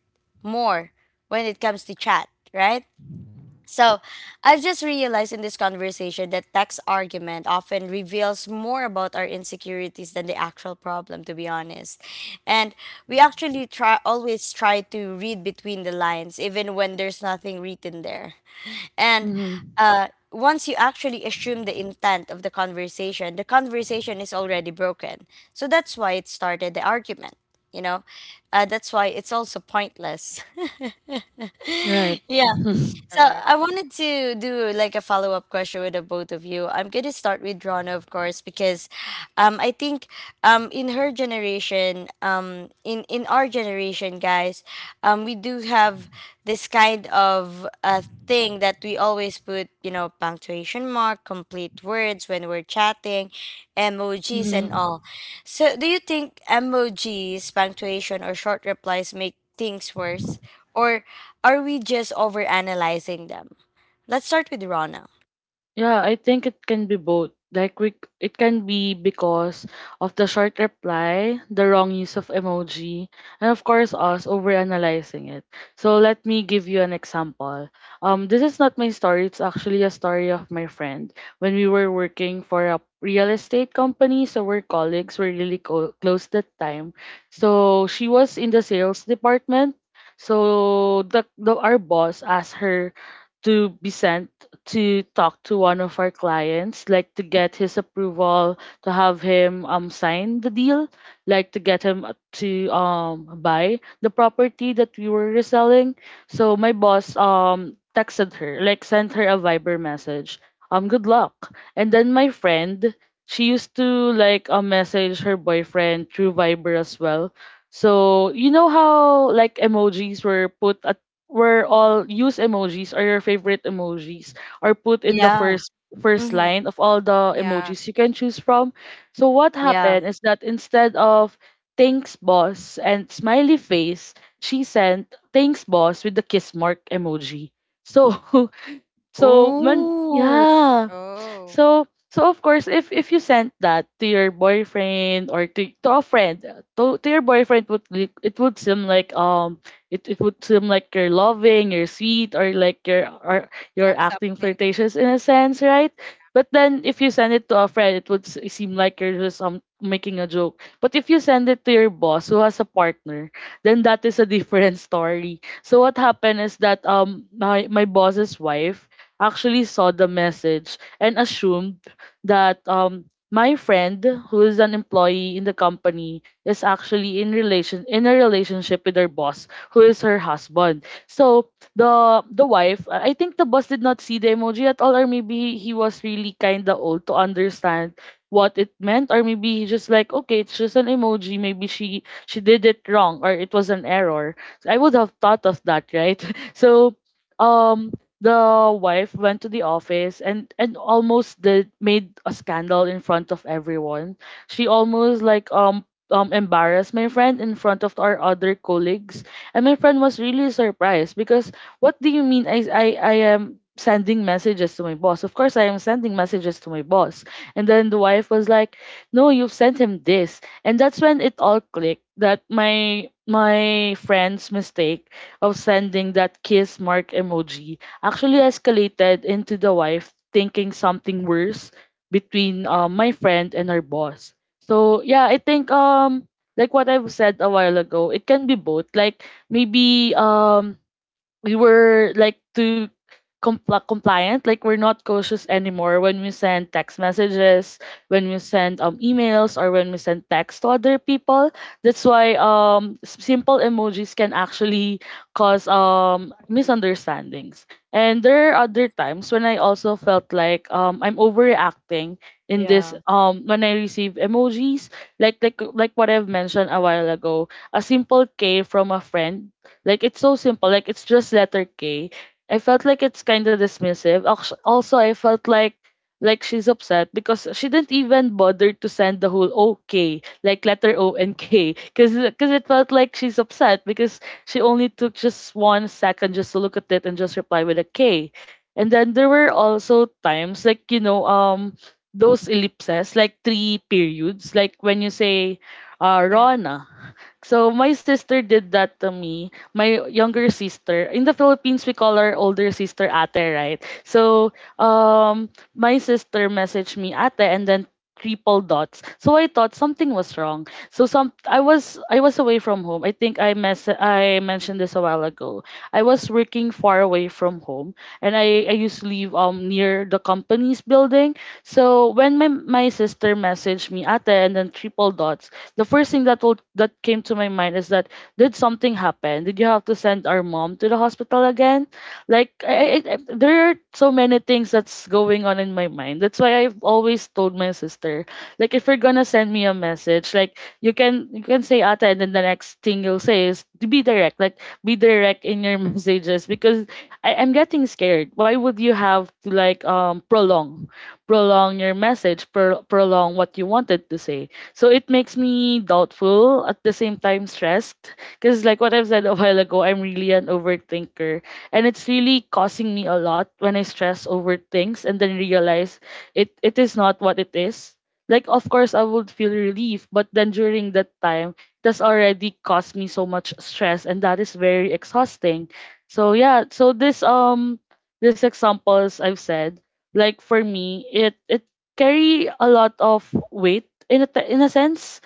[SPEAKER 1] more when it comes to chat, right? So, I've just realized in this conversation that tax argument often reveals more about our insecurities than the actual problem, to be honest. And we actually try always try to read between the lines, even when there's nothing written there. And
[SPEAKER 3] Mhm.
[SPEAKER 1] uh, once you actually assume the intent of the conversation is already broken. So that's why it started the argument. You know, that's why it's also pointless.
[SPEAKER 3] Right.
[SPEAKER 1] Yeah.
[SPEAKER 3] Mhm.
[SPEAKER 1] So
[SPEAKER 2] correct.
[SPEAKER 1] I wanted to do like a follow up question with the both of you. I'm gonna start with Rana, of course, because I think in her generation, in our generation, guys, we do have this kind of thing that we always put, you know, punctuation mark, complete words when we're chatting, emojis and
[SPEAKER 3] Mhm.
[SPEAKER 1] all. So do you think emojis, punctuation, or short replies make things worse? Or are we just overanalyzing them? Let's start with Rona.
[SPEAKER 3] Yeah, I think it can be both. Like it can be because of the short reply, the wrong use of emoji, and of course us overanalyzing it. So let me give you an example. This is not my story. It's actually a story of my friend when we were working for a real estate company. So we're colleagues. We're really close that time. So she was in the sales department. So the our boss asked her to be sent to talk to one of our clients, like to get his approval, to have him sign the deal, like to get him to buy the property that we were reselling. So my boss texted her, like sent her a Viber message. Good luck. And then my friend, she used to like message her boyfriend through Viber as well. So you know how like emojis were put at were all use emojis or your favorite emojis or put in the
[SPEAKER 1] Yeah.
[SPEAKER 3] first
[SPEAKER 1] Mm-hmm.
[SPEAKER 3] line of all the emojis
[SPEAKER 2] Yeah.
[SPEAKER 3] you can choose from. So what
[SPEAKER 1] Yeah.
[SPEAKER 3] happened is that instead of thanks boss and smiley face, she sent thanks boss with the kiss mark emoji. So so when
[SPEAKER 1] Ooh.
[SPEAKER 3] yeah
[SPEAKER 2] Oh,
[SPEAKER 3] so so of course if you sent that to your boyfriend or to a friend, to your boyfriend, it would seem like it would seem like you're loving you're sweet or like you're or you're
[SPEAKER 2] have
[SPEAKER 3] acting
[SPEAKER 2] something.
[SPEAKER 3] flirtatious in a sense, right? But then if you send it to a friend, it would seem like you're just making a joke. But if you send it to your boss who has a partner, then that is a different story. So what happened is that my boss's wife actually saw the message and assumed that my friend, who is an employee in the company, is actually in a relationship with her boss, who is her husband. So the wife, I think the boss did not see the emoji at all, or maybe he was really kind of old to understand what it meant, or maybe he just like, okay, it's just an emoji, maybe she did it wrong or it was an error. So, I would have thought of that, right? So um the wife went to the office and almost did made a scandal in front of everyone. She almost like embarrassed my friend in front of our other colleagues, and my friend was really surprised because what do you mean, I am sending messages to my boss? Of course I am sending messages to my boss. And then the wife was like, no, you've sent him this. And that's when it all clicked that my friend's mistake of sending that kiss mark emoji actually escalated into the wife thinking something worse between
[SPEAKER 2] Yeah,
[SPEAKER 3] my friend and her boss. So yeah, I think like what I've said a while ago, it can be both. Like maybe we were like too compliant. Like, we're not cautious anymore when we send text messages, when we send emails, or when we send text to other people. That's why simple emojis can actually cause misunderstandings. And there are other times when I also felt like I'm overreacting in this,
[SPEAKER 1] Yeah,
[SPEAKER 3] when I receive emojis. Like like what I've mentioned a while ago, a simple K from a friend, like, it's so simple. Like, it's just letter K. I felt like it's kind of dismissive. Also, I felt like she's upset because she didn't even bother to send the whole OK, like letter O and K, because it felt like she's upset because she only took just 1 second just to look at it and just reply with a K. And then there were also times, like, those ellipses like three periods, like when you say,
[SPEAKER 2] yeah.
[SPEAKER 3] Rona. So my sister did that to me. My younger sister. In the Philippines, we call our older sister ate, right? So my sister messaged me ate and then triple dots. So I thought something was wrong. So some I was away from home. I think I mentioned this a while ago. I was working far away from home, and I used to live near the company's building. So when
[SPEAKER 2] hmm
[SPEAKER 3] my sister messaged me ate and then triple dots, the first thing that came to my mind is that, did something happen? Did you have to send our mom to the hospital again? Like, there are so many things that's going on in my mind. That's why I've always told my sister, like if you're gonna send me a message, like you can say ata, and then the next thing you'll say is to be direct, like be direct in your messages. Because I'm getting scared. Why would you have to like prolong your message, prolong what you wanted to say? So it makes me doubtful, at the same time stressed, because like what I've said a while ago, I'm really an overthinker, and it's really causing me a lot when I stress over things and then realize it is not what it is. Like, of course I would feel relief, but then during that time, that's already caused me so much stress, and that is very exhausting. So yeah, so this examples I've said, like for me, it carry a lot of weight in a in a sense,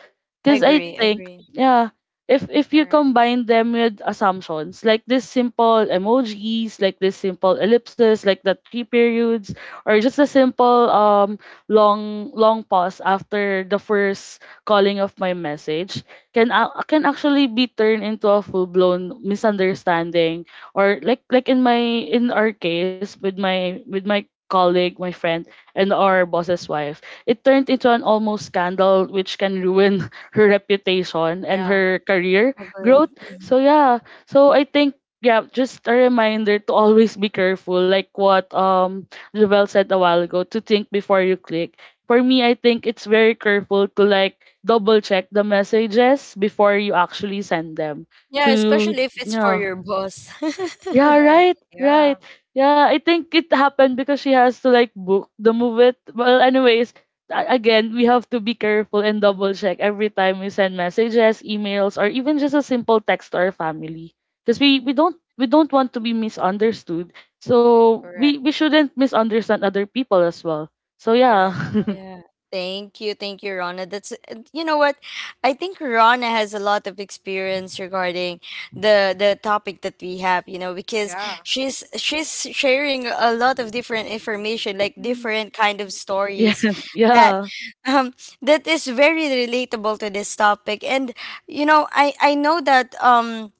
[SPEAKER 1] I
[SPEAKER 3] because I
[SPEAKER 1] agree,
[SPEAKER 3] think,
[SPEAKER 1] agree,
[SPEAKER 3] yeah, if you
[SPEAKER 2] Correct.
[SPEAKER 3] combine them with assumptions, like this simple emojis, like this simple ellipses like the three periods, or just a simple long long pause after the first calling of my message can can actually be turned into a full blown misunderstanding. Or like, in my in our case with my colleague, my friend, and our boss's wife. It turned into an almost scandal, which can ruin her reputation and
[SPEAKER 2] Yeah,
[SPEAKER 3] her career growth.
[SPEAKER 1] agree. Mhm.
[SPEAKER 3] So, yeah. So, I think. Yeah, just a reminder to always be careful, like what Jovel said a while ago, to think before you click. For me, I think it's very careful to like double check the messages before you actually send them.
[SPEAKER 1] Yeah,
[SPEAKER 3] To
[SPEAKER 1] especially if it's for
[SPEAKER 3] Yeah,
[SPEAKER 1] your boss.
[SPEAKER 3] yeah,
[SPEAKER 2] correct.
[SPEAKER 3] right,
[SPEAKER 2] Yeah,
[SPEAKER 3] right. Yeah, I think it happened because she has to like book the movie. Well, anyways, again, we have to be careful and double check every time we send messages, emails, or even just a simple text to our family. Because we don't want to be misunderstood. So
[SPEAKER 2] correct.
[SPEAKER 3] we shouldn't misunderstand other people as well. So yeah.
[SPEAKER 2] Correct.
[SPEAKER 1] Yeah. Thank you. Thank you, Rona. That's and you know what? I think Rona has a lot of experience regarding the topic that we have, you know, because
[SPEAKER 2] Yeah,
[SPEAKER 1] she's sharing a lot of different information, like different kind of stories
[SPEAKER 3] Yes.
[SPEAKER 1] that
[SPEAKER 3] Yeah.
[SPEAKER 1] um, that is very relatable to this topic. And you know, I know that um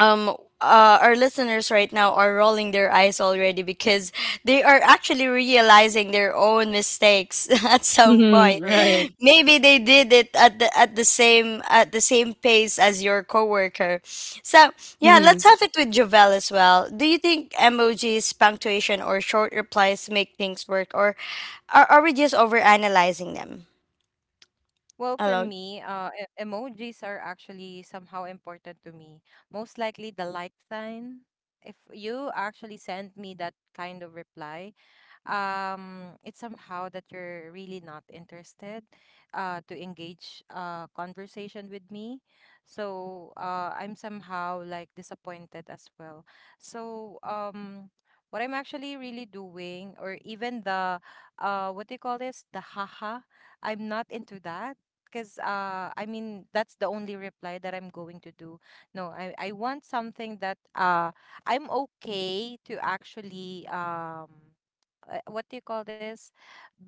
[SPEAKER 1] um uh, our listeners right now are rolling their eyes already because they are actually realizing their own mistakes at some
[SPEAKER 3] Mhm,
[SPEAKER 1] point.
[SPEAKER 2] correct.
[SPEAKER 3] right.
[SPEAKER 1] Maybe they did it at the at the same pace as your coworker. So yeah,
[SPEAKER 3] Mm-hmm.
[SPEAKER 1] let's have it with Jovel as well. Do you think emojis, punctuation, or short replies make things work, or are we just overanalyzing them?
[SPEAKER 2] Well, for me, emojis are actually somehow important to me. Most likely the like sign. If you actually send me that kind of reply, it's somehow that you're really not interested to engage conversation with me. So I'm somehow like disappointed as well. So what I'm actually really doing, or even the what do you call this, the haha, I'm not into that, because I mean that's the only reply that I'm going to do. No, I I want something that I'm okay to actually what do you call this?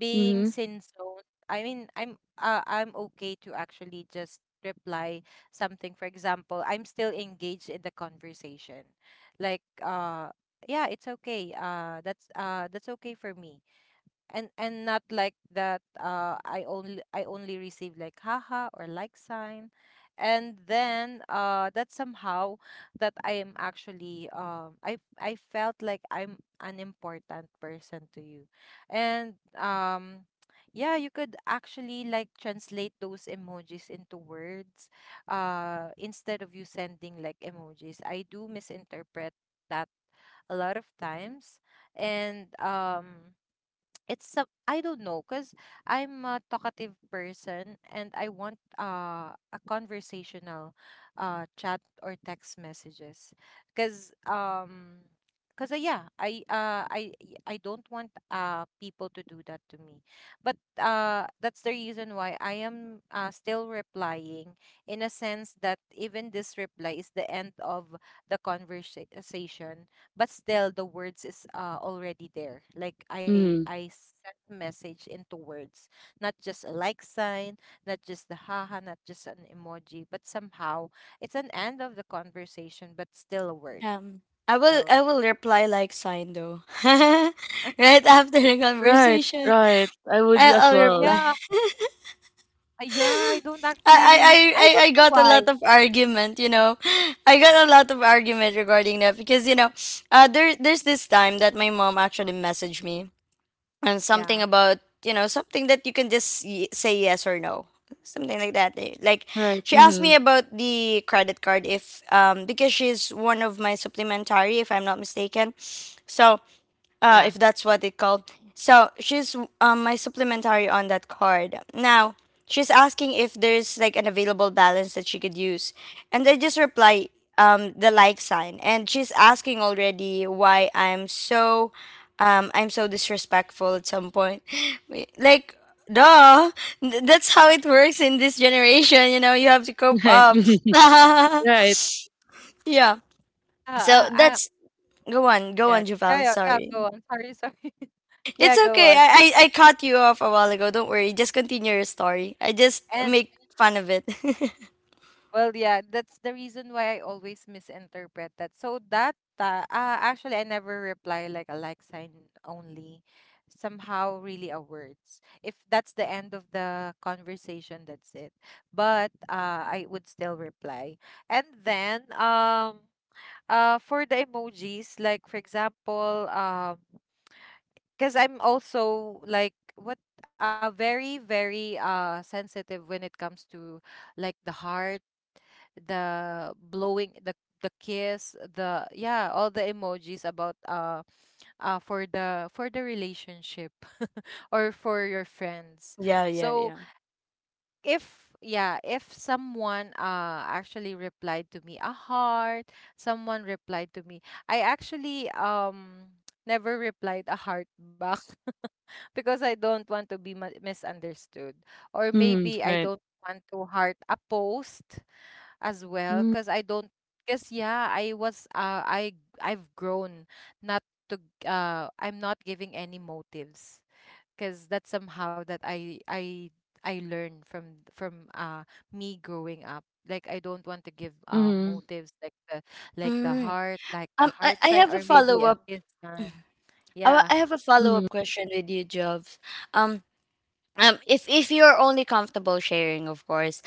[SPEAKER 2] Being
[SPEAKER 3] Mm-hmm.
[SPEAKER 2] sin zoned. I mean, I'm okay to actually just reply something. For example, I'm still engaged in the conversation. Like, yeah, it's okay. That's okay for me, and not like that, I only receive like haha or like sign, and then that somehow, that I am actually I felt like I'm an important person to you. And yeah, you could actually like translate those emojis into words instead of you sending like emojis. I do misinterpret that a lot of times. And it's some— I don't know, because I'm a talkative person, and I want a conversational chat or text messages, because yeah, I don't want people to do that to me. But that's the reason why I am still replying, in a sense that even this reply is the end of the conversation, but still the words is already there. Like
[SPEAKER 3] Mm-hmm.
[SPEAKER 2] I sent a message into words, not just a like sign, not just the haha, not just an emoji, but somehow it's an end of the conversation, but still a word.
[SPEAKER 1] Um,
[SPEAKER 2] So
[SPEAKER 1] I will reply like sign though. Right after the
[SPEAKER 3] Right,
[SPEAKER 1] conversation,
[SPEAKER 3] right. I would as
[SPEAKER 1] I'll
[SPEAKER 2] yeah,
[SPEAKER 3] well.
[SPEAKER 1] reply.
[SPEAKER 2] yeah, I don't actually really— I don't
[SPEAKER 1] I
[SPEAKER 2] know
[SPEAKER 1] got a
[SPEAKER 2] why.
[SPEAKER 1] lot of argument, you know. I got a lot of argument regarding that because you know, there there's this time that my mom actually messaged me and
[SPEAKER 2] Yeah,
[SPEAKER 1] something about you know something that you can just say yes or no, something like that. Eh, like
[SPEAKER 3] Right.
[SPEAKER 1] she asked me
[SPEAKER 3] Mhm.
[SPEAKER 1] about the credit card if um, because she's one of my supplementary if I'm not mistaken, so
[SPEAKER 2] yeah,
[SPEAKER 1] if that's what it called. So she's my supplementary on that card. Now she's asking if there's like an available balance that she could use, and I just reply the like sign. And she's asking already why I'm so disrespectful at some point, wait, like. Duh, that's how it works in this generation. You know, you have to cope
[SPEAKER 3] Right.
[SPEAKER 1] up.
[SPEAKER 3] Right.
[SPEAKER 1] Yeah.
[SPEAKER 2] uh,
[SPEAKER 1] So
[SPEAKER 2] uh, uh,
[SPEAKER 1] that's go on, go on,
[SPEAKER 2] yeah yeah
[SPEAKER 1] Javel.
[SPEAKER 2] yeah, yeah, go
[SPEAKER 1] Sorry.
[SPEAKER 2] on, sorry, sorry,
[SPEAKER 1] It's
[SPEAKER 2] yeah, go
[SPEAKER 1] okay.
[SPEAKER 2] on.
[SPEAKER 1] I cut you off a while ago. Don't worry. Just continue your story. I just
[SPEAKER 2] And—
[SPEAKER 1] make fun of it.
[SPEAKER 2] well, yeah, that's the reason why I always misinterpret that. So that, actually I never reply like a like sign only. Somehow really a words. If that's the end of the conversation, that's it. But I would still reply. And then for the emojis, like for example, because I'm also like what, very sensitive when it comes to like the heart, the blowing, the kiss, the— yeah, all the emojis about for the relationship, or for your friends.
[SPEAKER 1] Yeah, yeah,
[SPEAKER 2] So
[SPEAKER 1] yeah.
[SPEAKER 2] if— yeah, if someone actually replied to me a heart, someone replied to me I actually never replied a heart back. Because I don't want to be misunderstood. Or
[SPEAKER 3] Mhm.
[SPEAKER 2] maybe I
[SPEAKER 3] Right.
[SPEAKER 2] don't want to heart a post as well,
[SPEAKER 3] Mhm.
[SPEAKER 2] because I don't— because, yeah, I've grown not to— I'm not giving any motives, because that's somehow that I learned from me growing up. Like I don't want to give
[SPEAKER 3] Mhm.
[SPEAKER 2] motives like the— like the
[SPEAKER 1] Mm.
[SPEAKER 2] heart, like the heart
[SPEAKER 1] I
[SPEAKER 2] sign,
[SPEAKER 1] have a
[SPEAKER 2] or maybe
[SPEAKER 1] follow
[SPEAKER 2] a
[SPEAKER 1] up.
[SPEAKER 2] kiss sign. Yeah,
[SPEAKER 1] I have a follow
[SPEAKER 3] Mhm.
[SPEAKER 1] up question with you, Jobs. Um, if you're only comfortable sharing, of course.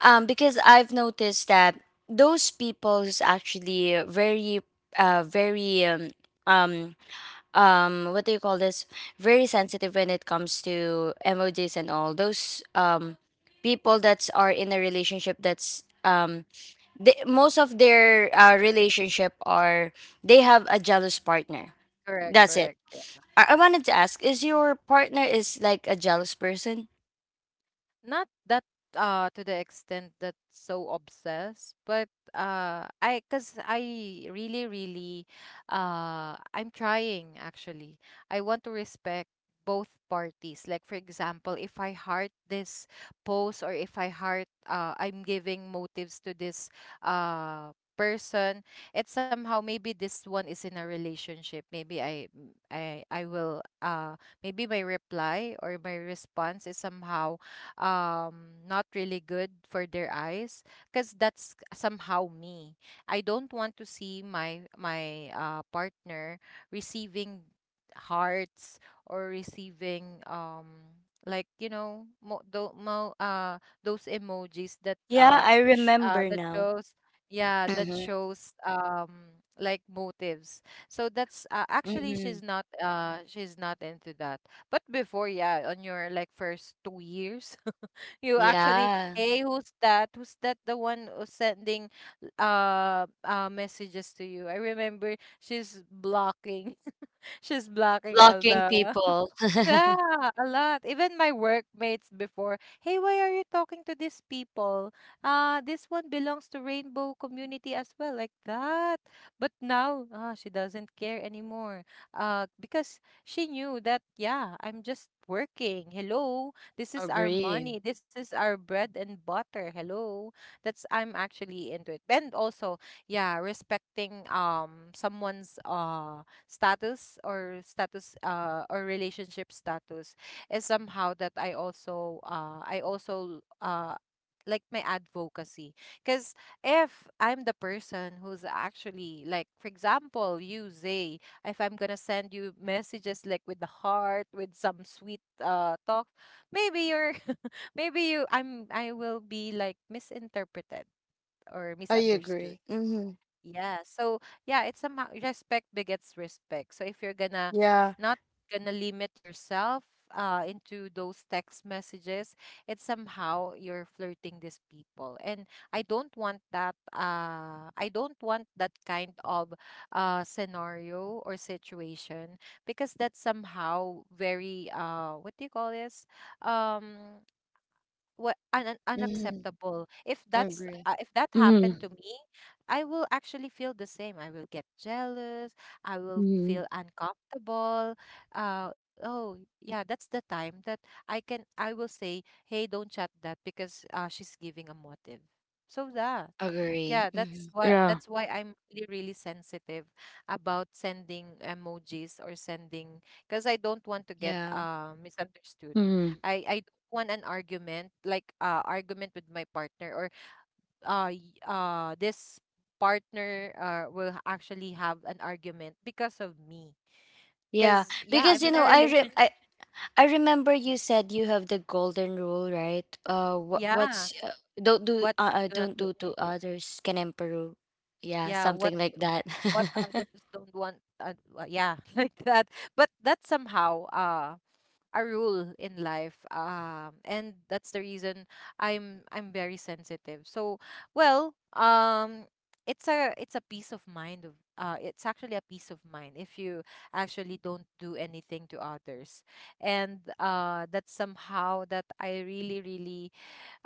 [SPEAKER 1] Because I've noticed that those people's actually very, uh, very um um what do you call this, very sensitive when it comes to emojis and all those um, people that are in a relationship that's um, they, most of their relationship are they have a jealous partner,
[SPEAKER 2] correct,
[SPEAKER 1] that's it.
[SPEAKER 2] correct.
[SPEAKER 1] I wanted to ask is your partner is like a jealous person?
[SPEAKER 2] Not that to the extent that so obsessed, but I— cuz I really really I'm trying, actually. I want to respect both parties. Like for example, if I heart this post, or if I heart— I'm giving motives to this person. It's somehow maybe this one is in a relationship. Maybe I will maybe my reply or my response is somehow not really good for their eyes, because that's somehow me, I don't want to see my partner receiving hearts, or receiving like, you know, mo, do, mo, those emojis that
[SPEAKER 1] Yeah, I remember
[SPEAKER 2] that
[SPEAKER 1] now.
[SPEAKER 2] shows— yeah, that
[SPEAKER 1] Mm-hmm.
[SPEAKER 2] shows like motives. So that's, actually
[SPEAKER 1] Mm-hmm.
[SPEAKER 2] she's not, she's not into that. But before, yeah, on your like first 2 years, you actually,
[SPEAKER 1] Yeah,
[SPEAKER 2] hey, who's that? Who's that? The one who's sending messages to you. I remember she's blocking. She's blocking all
[SPEAKER 1] blocking
[SPEAKER 2] the,
[SPEAKER 1] people.
[SPEAKER 2] yeah, a lot. Even my workmates before, hey, why are you talking to these people? This one belongs to Rainbow community as well, like that. But now, she doesn't care anymore. Because she knew that, yeah, I'm just working. Hello, this is our
[SPEAKER 1] Agree.
[SPEAKER 2] money. This is our bread and butter. Hello. That's I'm actually into it. And also, yeah, respecting someone's status or status or relationship status is somehow that I also like my advocacy. Because if I'm the person who's actually, like, for example, you Zay, if I'm gonna send you messages like with the heart with some sweet talk, maybe you're maybe you I'm I will be like misinterpreted or
[SPEAKER 1] I
[SPEAKER 2] misunderstood,
[SPEAKER 1] agree. Mm-hmm.
[SPEAKER 2] yeah. So yeah, it's a respect begets respect. So if you're gonna
[SPEAKER 1] Yeah.
[SPEAKER 2] not gonna limit yourself into those text messages, it's somehow you're flirting these people. And I don't want that kind of scenario or situation because that's somehow very what do you call this? Um what
[SPEAKER 1] Mm-hmm.
[SPEAKER 2] unacceptable if that's
[SPEAKER 1] Agree.
[SPEAKER 2] if that happened
[SPEAKER 3] Mhm.
[SPEAKER 2] to me. I will actually feel the same, I will get jealous, I will feel
[SPEAKER 3] Mhm.
[SPEAKER 2] uncomfortable. Oh yeah, that's the time that I will say, hey, don't chat that because she's giving a motive. So that,
[SPEAKER 1] Agree.
[SPEAKER 2] yeah, that's
[SPEAKER 1] Hmm.
[SPEAKER 2] why
[SPEAKER 3] Yeah.
[SPEAKER 2] that's why I'm really really sensitive about sending emojis or sending, because I don't want to get
[SPEAKER 1] Yeah.
[SPEAKER 2] misunderstood.
[SPEAKER 3] Mhm.
[SPEAKER 2] I One an argument, like argument with my partner, or this partner will actually have an argument because of me.
[SPEAKER 1] Yeah,
[SPEAKER 2] Cause yeah,
[SPEAKER 1] because
[SPEAKER 2] I'm
[SPEAKER 1] you
[SPEAKER 2] in a
[SPEAKER 1] know, I, re
[SPEAKER 2] relationship
[SPEAKER 1] I remember you
[SPEAKER 2] now.
[SPEAKER 1] said you have the golden rule, right? What what's
[SPEAKER 2] Yeah. What do not
[SPEAKER 1] don't
[SPEAKER 2] do,
[SPEAKER 1] do to others can emperor. Yeah,
[SPEAKER 2] yeah,
[SPEAKER 1] something like that.
[SPEAKER 2] what others don't want, yeah, like that. But that somehow a rule in life, and that's the reason I'm very sensitive. So well, it's a peace of mind of, it's actually a peace of mind if you actually don't do anything to others. And that's somehow that I really really,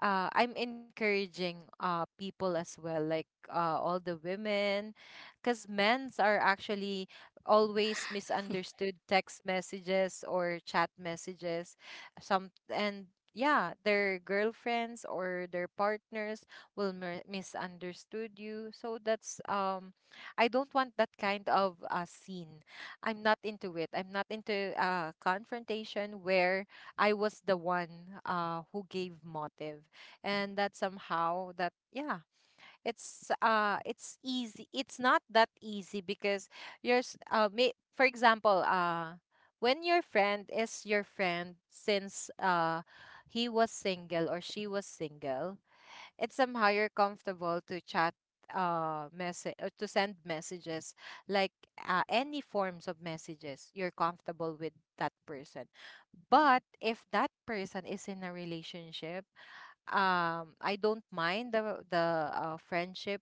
[SPEAKER 2] I'm encouraging people as well, like all the women, because men's are actually always misunderstood text messages or chat messages, some. And yeah, their girlfriends or their partners will misunderstood you. So that's I don't want that kind of scene. I'm not into it. I'm not into confrontation where I was the one who gave motive. And that somehow that, yeah, it's easy it's not that easy, because yours may, for example, when your friend is your friend since he was single or she was single, it's somehow you're comfortable to chat, message or to send messages, like any forms of messages you're comfortable with that person. But if that person is in a relationship, I don't mind the friendship.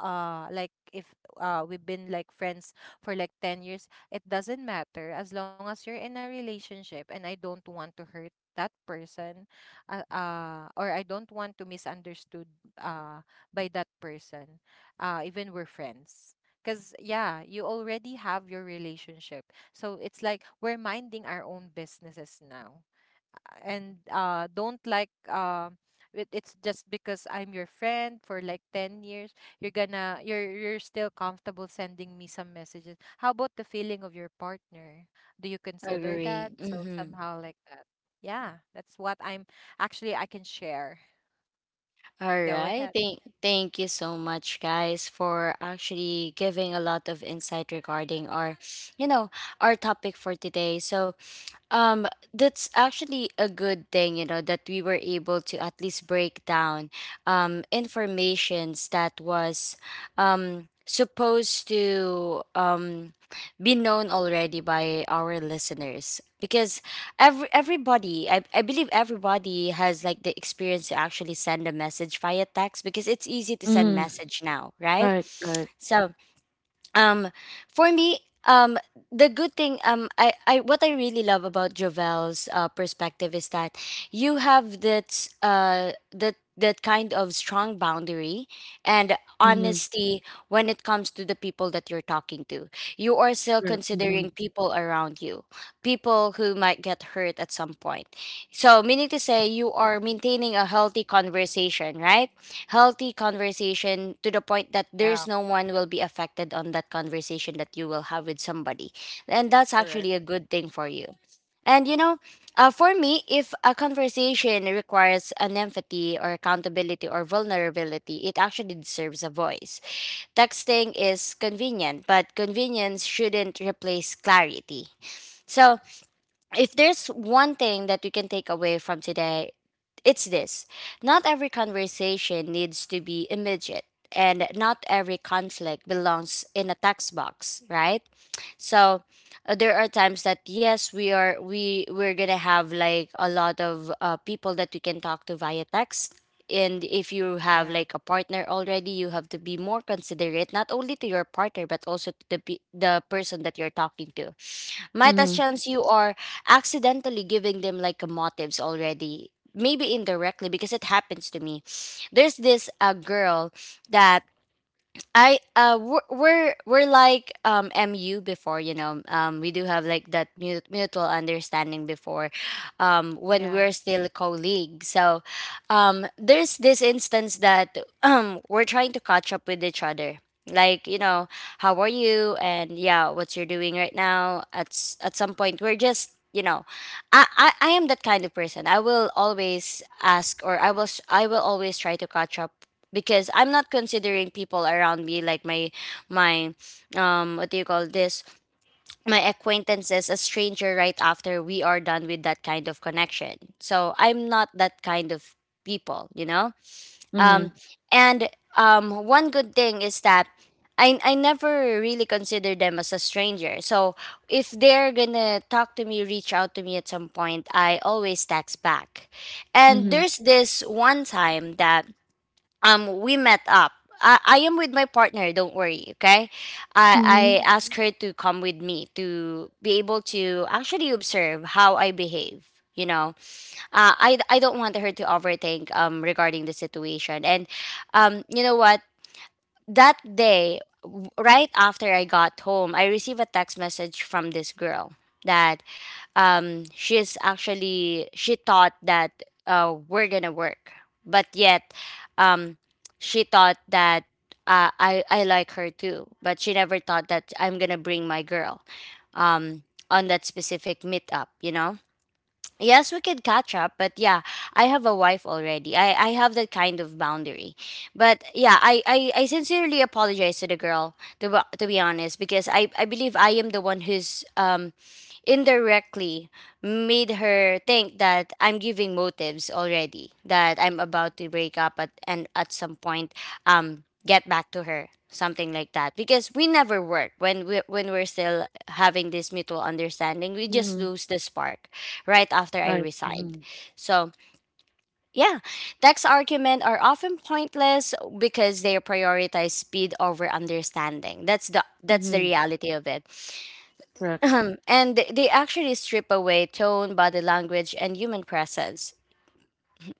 [SPEAKER 2] Like if we've been like friends for like 10 years, it doesn't matter, as long as you're in a relationship and I don't want to hurt that person. Or I don't want to misunderstood uh by that person. Even we're friends, because yeah, you already have your relationship, so it's like we're minding our own businesses now. And don't like, it, it's just because I'm your friend for like 10 years, you're gonna you're still comfortable sending me some messages. How about the feeling of your partner? Do you consider that?
[SPEAKER 1] Agree.
[SPEAKER 2] So
[SPEAKER 1] Mm-hmm.
[SPEAKER 2] somehow like that. Yeah, that's what I'm actually I can share.
[SPEAKER 1] All
[SPEAKER 2] Go
[SPEAKER 1] right.
[SPEAKER 2] ahead.
[SPEAKER 1] Thank you so much, guys, for actually giving a lot of insight regarding our, you know, our topic for today. So um, that's actually a good thing, you know, that we were able to at least break down um, informations that was um, supposed to um, be known already by our listeners because everybody, I believe everybody has like the experience to actually send a message via text because it's easy to send
[SPEAKER 3] Mhm.
[SPEAKER 1] message now, right?
[SPEAKER 3] Right, right.
[SPEAKER 1] So um, for me um, the good thing um, I what I really love about Jovel's perspective is that you have that that kind of strong boundary and
[SPEAKER 3] Mhm.
[SPEAKER 1] honesty when it comes to the people that you're talking to. You are still
[SPEAKER 3] Right. Mhm.
[SPEAKER 1] considering people around you, people who might get hurt at some point. So meaning to say, you are maintaining a healthy conversation, right? Healthy conversation to the point that there's
[SPEAKER 2] Yeah.
[SPEAKER 1] no one will be affected on that conversation that you will have with somebody. And that's actually a
[SPEAKER 2] Correct.
[SPEAKER 1] good thing for you. And you know, for me, if a conversation requires an empathy or accountability or vulnerability, it actually deserves a voice. Texting is convenient, but convenience shouldn't replace clarity. So if there's one thing that we can take away from today, it's this. Not every conversation needs to be immediate, and not every conflict belongs in a text box, right? So there are times that yes, we are we're gonna have like a lot of people that we can talk to via text. And if you have
[SPEAKER 2] Yeah.
[SPEAKER 1] like a partner already, you have to be more considerate, not only to your partner but also to the person that you're talking to. Might as
[SPEAKER 3] Mhm.
[SPEAKER 1] chance you are accidentally giving them like a motives already, maybe indirectly, because it happens to me. There's this a girl that we're like MU before, you know, we do have like that mutual understanding before, when
[SPEAKER 2] Yeah.
[SPEAKER 1] we're still colleagues. So there's this instance that we're trying to catch up with each other, like, you know, how are you and yeah what you're doing right now. At at some point we're just, you know, I am that kind of person. I will always ask, or I will always try to catch up, because I'm not considering people around me, like my, what do you call this, my acquaintances, a stranger right after we are done with that kind of connection. So I'm not that kind of people. Um
[SPEAKER 3] Mhm.
[SPEAKER 1] and one good thing is that I never really consider them as a stranger. So if they're gonna talk to me, reach out to me at some point, I always text back. And
[SPEAKER 3] Mhm.
[SPEAKER 1] there's this one time that we met up. I am with my partner, don't worry, okay?
[SPEAKER 3] Mhm.
[SPEAKER 1] I asked her to come with me to be able to actually observe how I behave, you know. I don't want her to overthink regarding the situation. And you know what, that day, right after I got home, I received a text message from this girl that she's actually, she thought that we're gonna work. But yet, um, she thought that I like her too. But she never thought that I'm gonna bring my girl um, on that specific meetup, you know? Yes, we could catch up, but yeah, I have a wife already. I have that kind of boundary. But yeah, I sincerely apologize to the girl, to be honest, because I believe I am the one who's indirectly made her think that I'm giving motives already, that I'm about to break up at and at some point get back to her, something like that. Because we never work. When we're still having this mutual understanding, we just
[SPEAKER 3] Mhm.
[SPEAKER 1] lose the spark right after I
[SPEAKER 3] Right.
[SPEAKER 1] resigned.
[SPEAKER 3] Mhm.
[SPEAKER 1] So yeah, text argument are often pointless because they prioritize speed over understanding. That's the
[SPEAKER 3] Mhm.
[SPEAKER 1] reality of it.
[SPEAKER 3] Correct.
[SPEAKER 1] Ahem. And they actually strip away tone, body language, and human presence.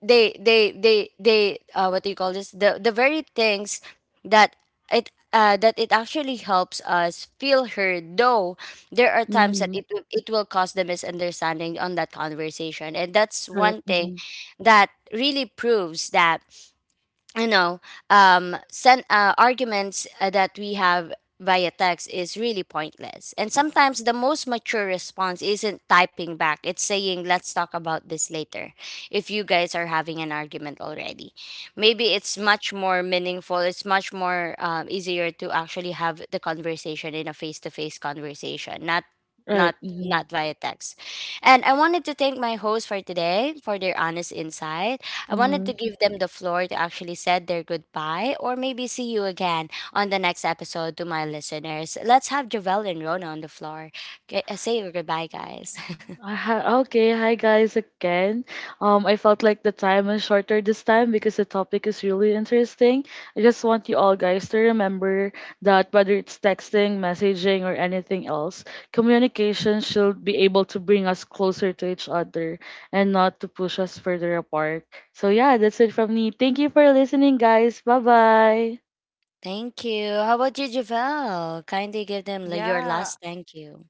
[SPEAKER 1] They. What do you call this? The very things that that it actually helps us feel heard. Though there are times that
[SPEAKER 3] Mhm.
[SPEAKER 1] it will cause the misunderstanding on that conversation, and that's
[SPEAKER 3] Right.
[SPEAKER 1] one thing
[SPEAKER 3] Mhm.
[SPEAKER 1] that really proves that, you know, arguments that we have via text is really pointless. And sometimes the most mature response isn't typing back, it's saying, let's talk about this later. If you guys are having an argument already, maybe it's much more meaningful, it's much more easier to actually have the conversation in a face to face conversation, not not
[SPEAKER 3] Right. Mhm.
[SPEAKER 1] not via text. And I wanted to thank my host for today for their honest insight. I wanted to
[SPEAKER 3] Mhm.
[SPEAKER 1] give them the floor to actually said their goodbye, or maybe see you again on the next episode, to my listeners. Let's have Javel and Rona on the floor. Okay, say your goodbye, guys.
[SPEAKER 3] Ah, okay, hi guys again. I felt like the time is shorter this time because the topic is really interesting. I just want you all guys to remember that whether it's texting, messaging, or anything else, communication should be able to bring us closer to each other and not to push us further apart. So yeah, that's it from me. Thank you for listening, guys. Bye bye.
[SPEAKER 1] Thank you. How about you, Javel? Kindly give them your
[SPEAKER 2] Yeah.
[SPEAKER 1] last thank you.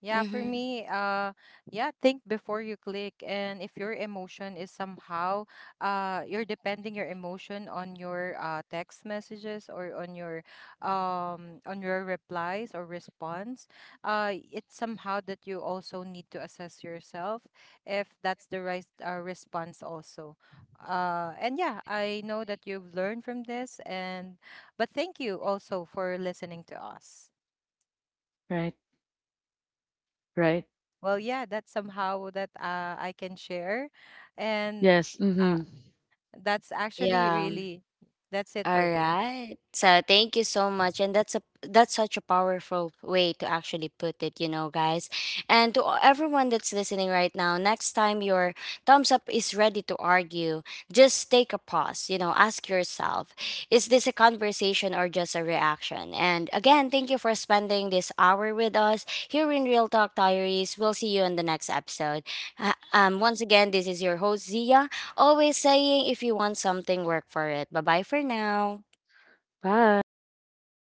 [SPEAKER 2] Yeah, for
[SPEAKER 1] Mm-hmm.
[SPEAKER 2] me, yeah, think before you click. And if your emotion is somehow, you're depending your emotion on your text messages or on your replies or response, it's somehow that you also need to assess yourself if that's the right response also. And yeah, I know that you've learned from this, and but thank you also for listening to us.
[SPEAKER 3] Right, right.
[SPEAKER 2] Well, yeah, that's somehow that I can share. And
[SPEAKER 3] Yes. Mm-hmm.
[SPEAKER 2] uh, that's actually
[SPEAKER 1] Yeah.
[SPEAKER 2] really, that's it
[SPEAKER 1] All
[SPEAKER 2] for me.
[SPEAKER 1] right. So thank you so much, and that's a that's such a powerful way to actually put it, you know, guys. And to everyone that's listening right now, next time your thumbs up is ready to argue, just take a pause. You know, ask yourself, is this a conversation or just a reaction? And again, thank you for spending this hour with us here in Real Talk Diaries. We'll see you in the next episode. Once again, this is your host Zia, always saying if you want something, work for it. Bye bye for now.
[SPEAKER 3] Bye.
[SPEAKER 2] Bye.